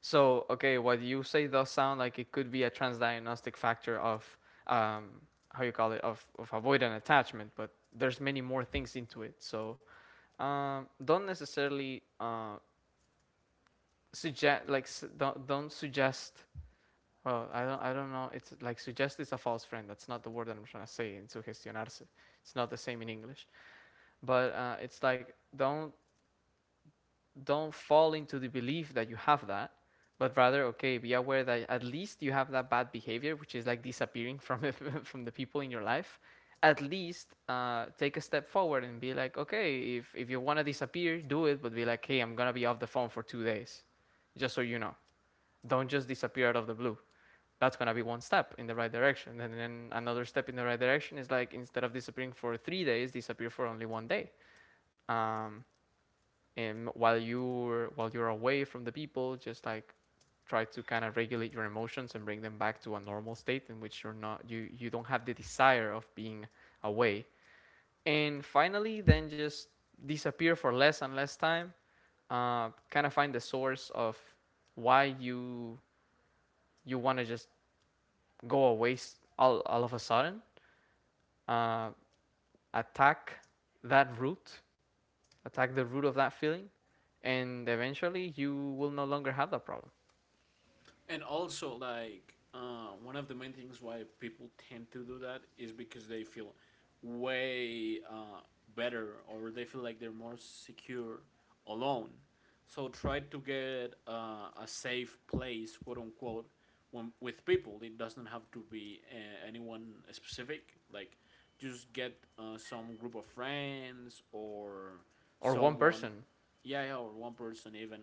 Speaker 1: so okay, what you say does sound like it could be a transdiagnostic factor of um, how you call it of avoidant attachment, but there's many more things into it. So, don't necessarily suggest like s- don't suggest. Well, I don't know. It's like suggest is a false friend. That's not the word that I'm trying to say in sugestionarse. It's not the same in English, but it's like don't fall into the belief that you have that, but rather, okay, be aware that at least you have that bad behavior, which is like disappearing from from the people in your life. At least take a step forward and be like, okay, if you want to disappear, do it, but be like, hey, I'm going to be off the phone for 2 days, just so you know. Don't just disappear out of the blue. That's going to be one step in the right direction. And then another step in the right direction is like, instead of disappearing for 3 days, disappear for only one day. Um, and while you're away from the people, just like try to kind of regulate your emotions and bring them back to a normal state in which you're not, you don't have the desire of being away, and finally then just disappear for less and less time. Kind of find the source of why you you want to just go away all of a sudden. uh, attack that root Attack the root of that feeling, and eventually you will no longer have that problem.
Speaker 2: And also, like, one of the main things why people tend to do that is because they feel way, better, or they feel like they're more secure alone. So try to get a safe place, quote unquote, when, with people. It doesn't have to be anyone specific. Like, just get some group of friends, or
Speaker 1: Or one
Speaker 2: someone,
Speaker 1: person.
Speaker 2: yeah, yeah, or one person even,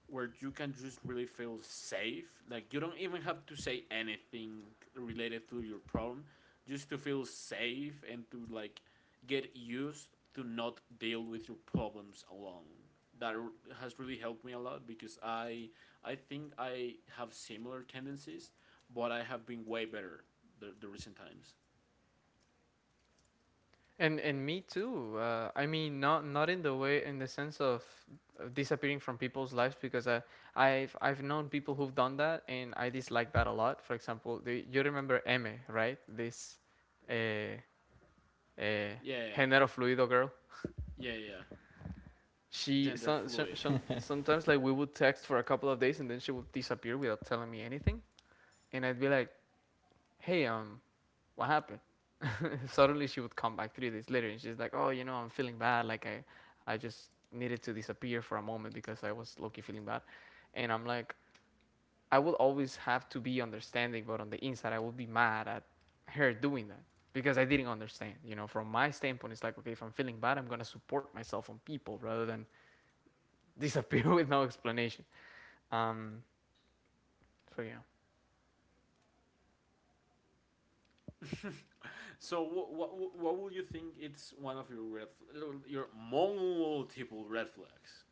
Speaker 2: where you can just really feel safe. Like, you don't even have to say anything related to your problem, just to feel safe and to, like, get used to not deal with your problems alone. That has really helped me a lot, because I think I have similar tendencies, but I have been way better the recent times.
Speaker 1: And me too. I mean, not in the way, in the sense of disappearing from people's lives, because I've known people who've done that, and I dislike that a lot. For example, you remember eme, right? This uh, uh,
Speaker 2: Yeah, yeah, yeah,
Speaker 1: género fluido girl.
Speaker 2: yeah. Yeah. Yeah.
Speaker 1: She
Speaker 2: Gender fluid.
Speaker 1: sometimes, like, we would text for a couple of days and then she would disappear without telling me anything, and I'd be like, "Hey, what happened?" Suddenly she would come back 3 days later and she's like, "Oh, you know, I'm feeling bad. Like I just needed to disappear for a moment because I was low-key feeling bad." And I'm like, I will always have to be understanding, but on the inside, I would be mad at her doing that, because I didn't understand. You know, from my standpoint, it's like, okay, if I'm feeling bad, I'm gonna support myself on people rather than disappear with no explanation. Um, so yeah.
Speaker 2: So what, what would you think it's one of your red your multiple red flags?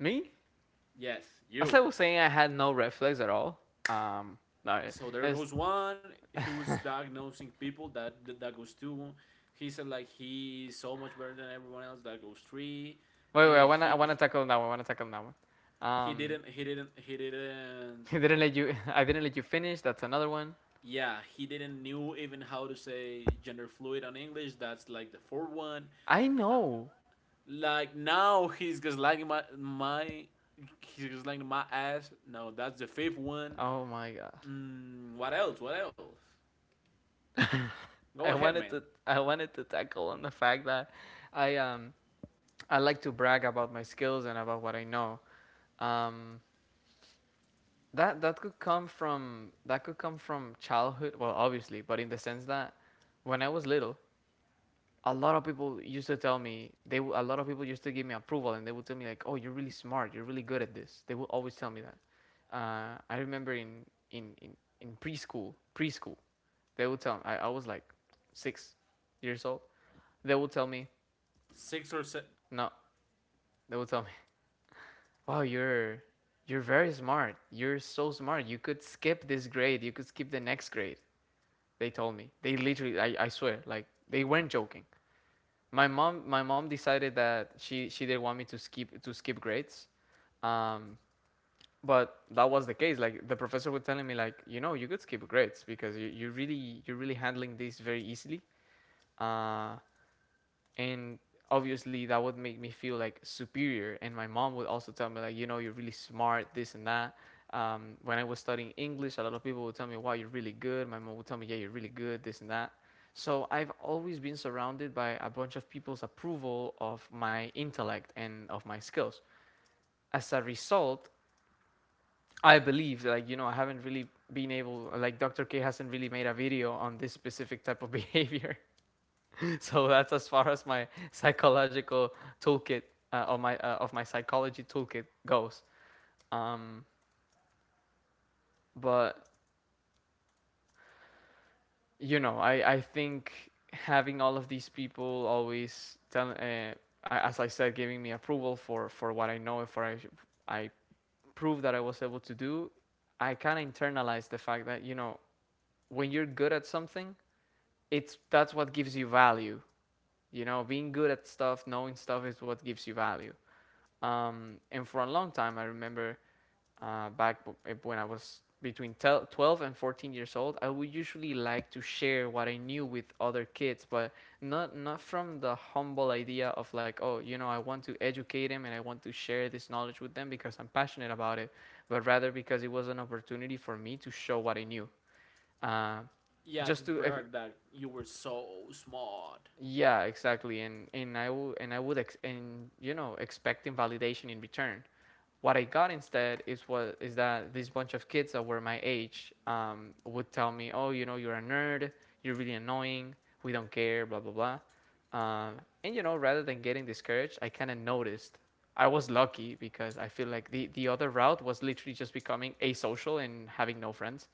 Speaker 1: Me,
Speaker 2: Yes,
Speaker 1: as
Speaker 2: you.
Speaker 1: I was saying, I had no red flags at all. Um, no. I-
Speaker 2: So there
Speaker 1: as
Speaker 2: goes one. He was diagnosing people. That that goes two. He said like he is so much better than everyone else. That goes three.
Speaker 1: Wait, wait. I
Speaker 2: And
Speaker 1: wanna,
Speaker 2: he
Speaker 1: I wanna
Speaker 2: he,
Speaker 1: tackle that one. I wanna tackle that one.
Speaker 2: he
Speaker 1: Um,
Speaker 2: didn't he didn't he didn't.
Speaker 1: I didn't let you. I didn't let you finish. That's another one.
Speaker 2: Yeah, he didn't knew even how to say gender fluid on English. That's like the fourth one.
Speaker 1: I know.
Speaker 2: Like, now he's just lagging my ass. No, that's the fifth one.
Speaker 1: Oh my god.
Speaker 2: Mm, what else? What else? Go
Speaker 1: I
Speaker 2: ahead,
Speaker 1: wanted
Speaker 2: man.
Speaker 1: to. I wanted to tackle on the fact that I um I like to brag about my skills and about what I know. Um, that could come from, childhood. Well, obviously, but in the sense that when I was little, a lot of people used to tell me, they a lot of people used to give me approval and they would tell me like, oh, you're really smart, you're really good at this. They would always tell me that. I remember in in in preschool. They would tell me, I was like 6 years old. They would tell me
Speaker 2: Six or seven.
Speaker 1: no. They would tell me wow, you're very smart. You're so smart. You could skip this grade. You could skip the next grade. They told me. They literally, I swear, like they weren't joking. My mom decided that she didn't want me to skip grades. um but that was the case. Like, the professor was telling me, like, you know, you could skip grades because you're really handling this very easily. uh and obviously, that would make me feel like superior. And my mom would also tell me, like, you know, you're really smart, this and that. When I was studying English, a lot of people would tell me, wow, you're really good. My mom would tell me, yeah, you're really good, this and that. So I've always been surrounded by a bunch of people's approval of my intellect and of my skills. As a result, I believe, like, you know, I haven't really been able, like Dr. K hasn't really made a video on this specific type of behavior, so that's as far as my psychological toolkit, of my psychology toolkit goes. Um, but, you know, I think having all of these people always tell, as I said, giving me approval for what I know, if I proved that I was able to do, I kind of internalized the fact that, you know, when you're good at something, it's that's what gives you value. You know, being good at stuff, knowing stuff is what gives you value. And for a long time, I remember back when I was between 12 and 14 years old, I would usually like to share what I knew with other kids, but not from the humble idea of like, oh, you know, I want to educate them and I want to share this knowledge with them because I'm passionate about it, but rather because it was an opportunity for me to show what I knew. Uh,
Speaker 2: Yeah, to
Speaker 1: just to ex-
Speaker 2: brag that you were so smart.
Speaker 1: yeah, exactly. And and expecting validation in return. What I got instead is what is that this bunch of kids that were my age would tell me, "Oh, you know, you're a nerd. You're really annoying. We don't care. Blah blah blah." Um, and, you know, rather than getting discouraged, I kind of noticed. I was lucky because I feel like the other route was literally just becoming asocial and having no friends.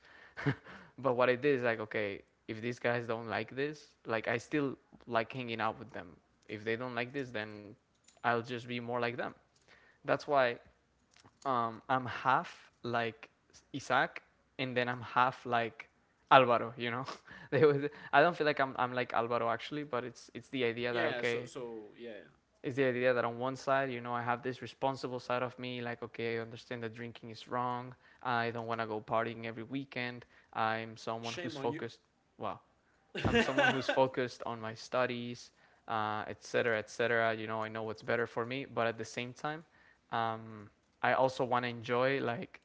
Speaker 1: But what I did is like, okay, if these guys don't like this, like I still like hanging out with them. If they don't like this, then I'll just be more like them. That's why I'm half like Isaac, and then I'm half like Alvaro. You know, they would, I don't feel like I'm like Alvaro actually, but it's the idea that,
Speaker 2: Yeah. So
Speaker 1: okay,
Speaker 2: so yeah.
Speaker 1: it's the idea that on one side, you know, I have this responsible side of me, like, okay, I understand that drinking is wrong. I don't want to go partying every weekend. I'm someone
Speaker 2: Shame
Speaker 1: who's
Speaker 2: on you.
Speaker 1: focused. Wow. I'm someone who's
Speaker 2: but
Speaker 1: focused on my studies, et cetera, et cetera. You know, I know what's better for me, but at the same time, um, I also want to enjoy, like,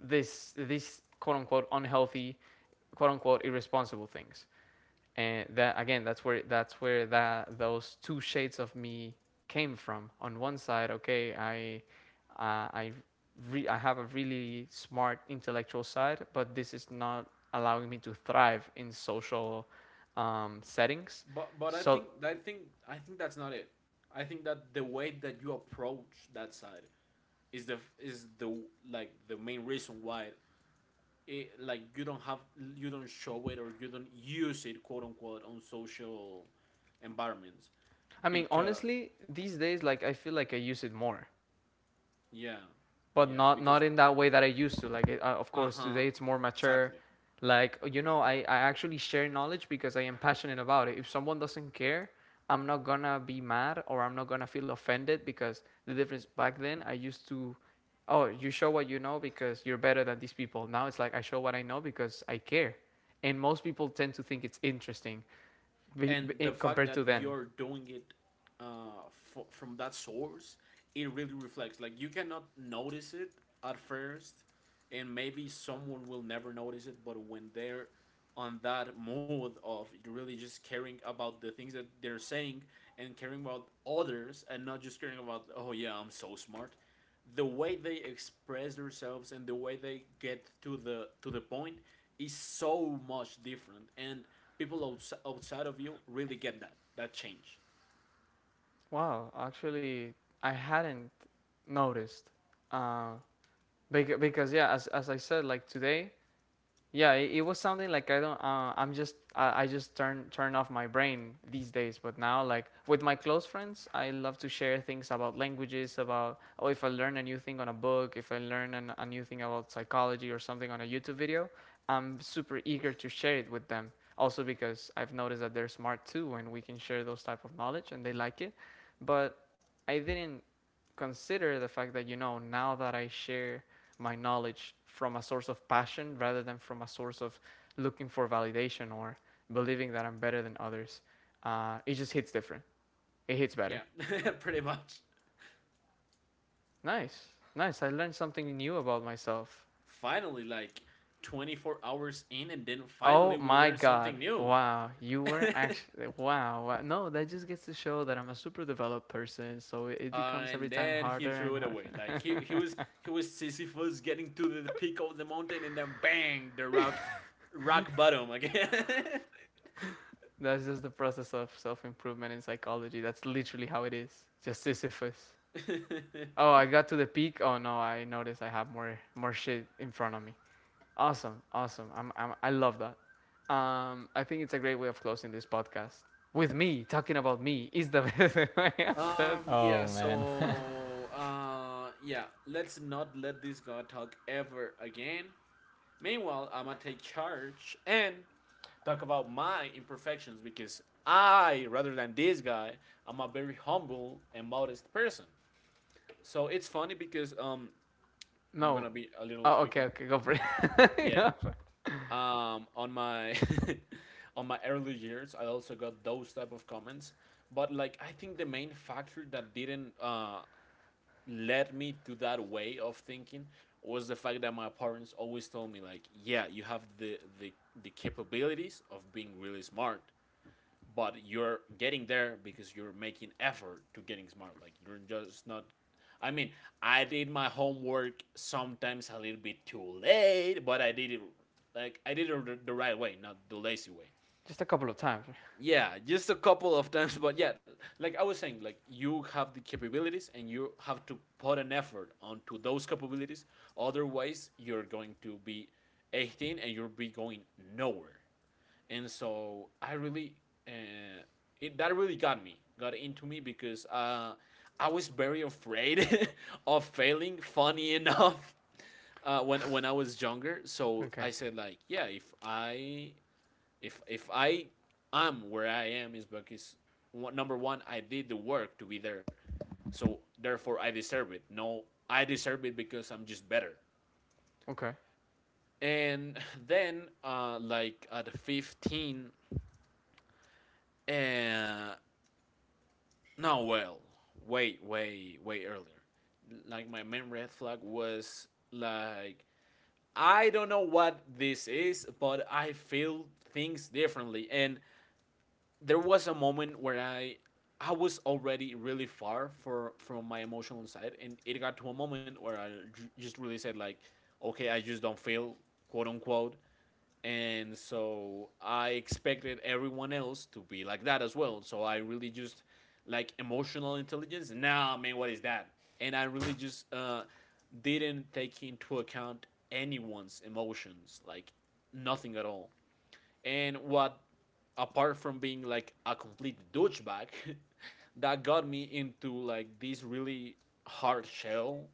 Speaker 1: this quote unquote unhealthy, quote unquote irresponsible things. And that again, that's where that those two shades of me came from. On one side, okay, uh, i I have a really smart intellectual side, but this is not allowing me to thrive in social settings.
Speaker 2: but I
Speaker 1: So
Speaker 2: think, I think that's not it. I think that the way that you approach that side is the like the main reason why it, like you don't show it or you don't use it quote unquote on social environments.
Speaker 1: I mean,
Speaker 2: Because.
Speaker 1: honestly, these days, like, I feel like I use it more,
Speaker 2: Yeah.
Speaker 1: but
Speaker 2: Yeah,
Speaker 1: not
Speaker 2: because.
Speaker 1: not in that way that I used to. Like, it, of course,
Speaker 2: Uh-huh.
Speaker 1: today it's more mature.
Speaker 2: Exactly.
Speaker 1: Like, you know, I actually share knowledge because I am passionate about it. If someone doesn't care, I'm not gonna be mad or I'm not gonna feel offended, because the difference back then, I used to. Oh, you show what you know because you're better than these people. Now it's like I show what I know because I care, and most people tend to think it's interesting,
Speaker 2: And the fact
Speaker 1: compared
Speaker 2: that
Speaker 1: to then.
Speaker 2: you're doing it, uh, from that source, it really reflects. Like, you cannot notice it at first, and maybe someone will never notice it, but when they're on that mode of really just caring about the things that they're saying and caring about others and not just caring about, oh yeah, I'm so smart, the way they express themselves and the way they get to the point is so much different. And people outside of you really get that change.
Speaker 1: Wow, actually, I hadn't noticed. Uh, because yeah, as I said, like today, yeah, it was something like I don't, I'm just, I just turn off my brain these days. But now, like with my close friends, I love to share things about languages, about, oh, if I learn a new thing on a book, if I learn a new thing about psychology or something on a YouTube video, I'm super eager to share it with them. Also because I've noticed that they're smart too, and we can share those type of knowledge, and they like it. But I didn't consider the fact that, you know, now that I share my knowledge from a source of passion rather than from a source of looking for validation or believing that I'm better than others. It just hits different. It hits
Speaker 2: Yeah.
Speaker 1: better.
Speaker 2: Pretty much.
Speaker 1: Nice. Nice. I learned something new about myself.
Speaker 2: Finally, like, 24 hours in, and then finally
Speaker 1: Oh
Speaker 2: we
Speaker 1: my
Speaker 2: learned something
Speaker 1: God.
Speaker 2: new.
Speaker 1: Wow. You were actually. Wow. No, that just gets to show that I'm a super developed person. So it becomes
Speaker 2: And
Speaker 1: every time
Speaker 2: then he
Speaker 1: harder
Speaker 2: threw
Speaker 1: and
Speaker 2: it away. Like he, he
Speaker 1: harder.
Speaker 2: was he was Sisyphus getting to the peak of the mountain, and then bang, the rock rock bottom again.
Speaker 1: That's just the process of self improvement in psychology. That's literally how it is. Just Sisyphus. Oh, I got to the peak. Oh no, I noticed I have more more shit in front of me. Awesome, awesome. I love that. I think it's a great way of closing this podcast with me talking about me is the best way of close.
Speaker 2: Yeah,
Speaker 3: Oh man.
Speaker 2: so, yeah, let's not let this guy talk ever again. Meanwhile, I'm gonna take charge and talk about my imperfections, because I, rather than this guy, I'm a very humble and modest person. So it's funny because, I'm
Speaker 1: No,
Speaker 2: gonna be a little
Speaker 1: oh okay,
Speaker 2: quicker.
Speaker 1: okay, go for it.
Speaker 2: Yeah.
Speaker 1: Go for it.
Speaker 2: On my on my early years, I also got those type of comments. But, like, I think the main factor that didn't led me to that way of thinking was the fact that my parents always told me, like, yeah, you have the capabilities of being really smart, but you're getting there because you're making effort to getting smart. Like, you're just not, I mean, I did my homework sometimes a little bit too late, but I did it. Like, I did it the right way, not the lazy way.
Speaker 1: Just a couple of times.
Speaker 2: Yeah, just a couple of times, but yeah, like I was saying, like, you have the capabilities and you have to put an effort onto those capabilities. Otherwise, you're going to be 18, and you'll be going nowhere. And so I really, uh, that really got into me because I was very afraid of failing. Funny enough, when I was younger, so
Speaker 1: Okay,
Speaker 2: I said like, yeah, if I if I am where I am is because number one, I did the work to be there, so therefore I deserve it. No, I deserve it because I'm just better.
Speaker 1: okay.
Speaker 2: And then, like at 15, uh, no, well, way, way, way earlier. Like my main red flag was like, I don't know what this is, but I feel things differently, and there was a moment where I was already really far for from my emotional side, and it got to a moment where I just really said like, okay, I just don't feel, quote unquote, and so I expected everyone else to be like that as well. So I really just, like, emotional intelligence. Nah, man, what is that? And I really just didn't take into account anyone's emotions, like nothing at all. And what, apart from being like a complete douchebag, that got me into like this really hard shell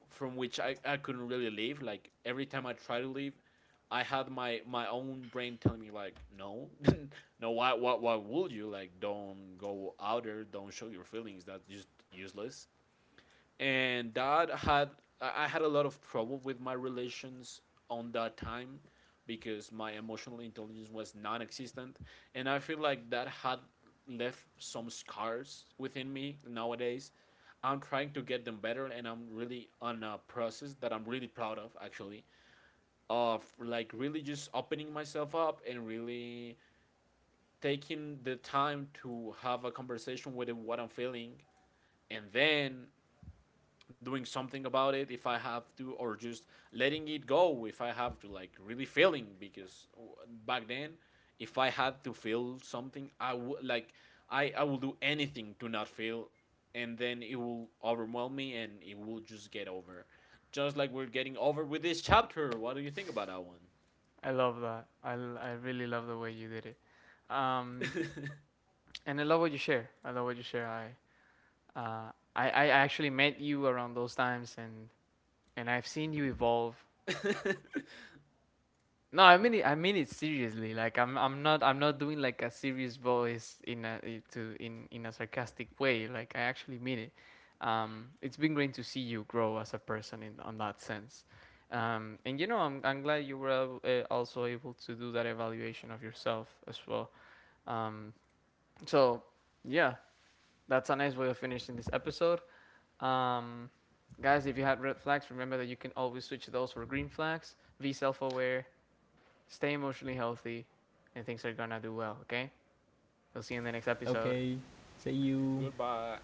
Speaker 2: from which I couldn't really leave. Like every time I try to leave, I had my own brain telling me like, no, no, why would you, like, don't go out there, don't show your feelings, that's just useless. And that had I had a lot of trouble with my relations on that time, because my emotional intelligence was non-existent, and I feel like that had left some scars within me nowadays. I'm trying to get them better, and I'm really on a process that I'm really proud of, actually, of like really just opening myself up and really taking the time to have a conversation with what I'm feeling, and then doing something about it if I have to, or just letting it go if I have to, like really feeling. Because back then, if I had to feel something, I would like I will do anything to not feel, and then it will overwhelm me, and it will just get over. Just like we're getting over with this chapter. What do you think about that
Speaker 1: I love that. I really love the way you did it. Um,
Speaker 2: one?
Speaker 1: and I love what you share. I love what you share. I actually met you around those times, and I've seen you evolve. No, I mean it. I mean it seriously. Like I'm not doing, like, a serious voice in a I- to in a sarcastic way. Like I actually mean it. It's been great to see you grow as a person in on that sense. And, I'm glad you were also able to do that evaluation of yourself as well. Um, so yeah, that's a nice way of finishing this episode. Um, Guys, if you had red flags, remember that you can always switch those for green flags. Be self-aware, stay emotionally healthy, and things are gonna do well, okay? We'll see you in the next episode.
Speaker 3: Okay. See you.
Speaker 2: Goodbye.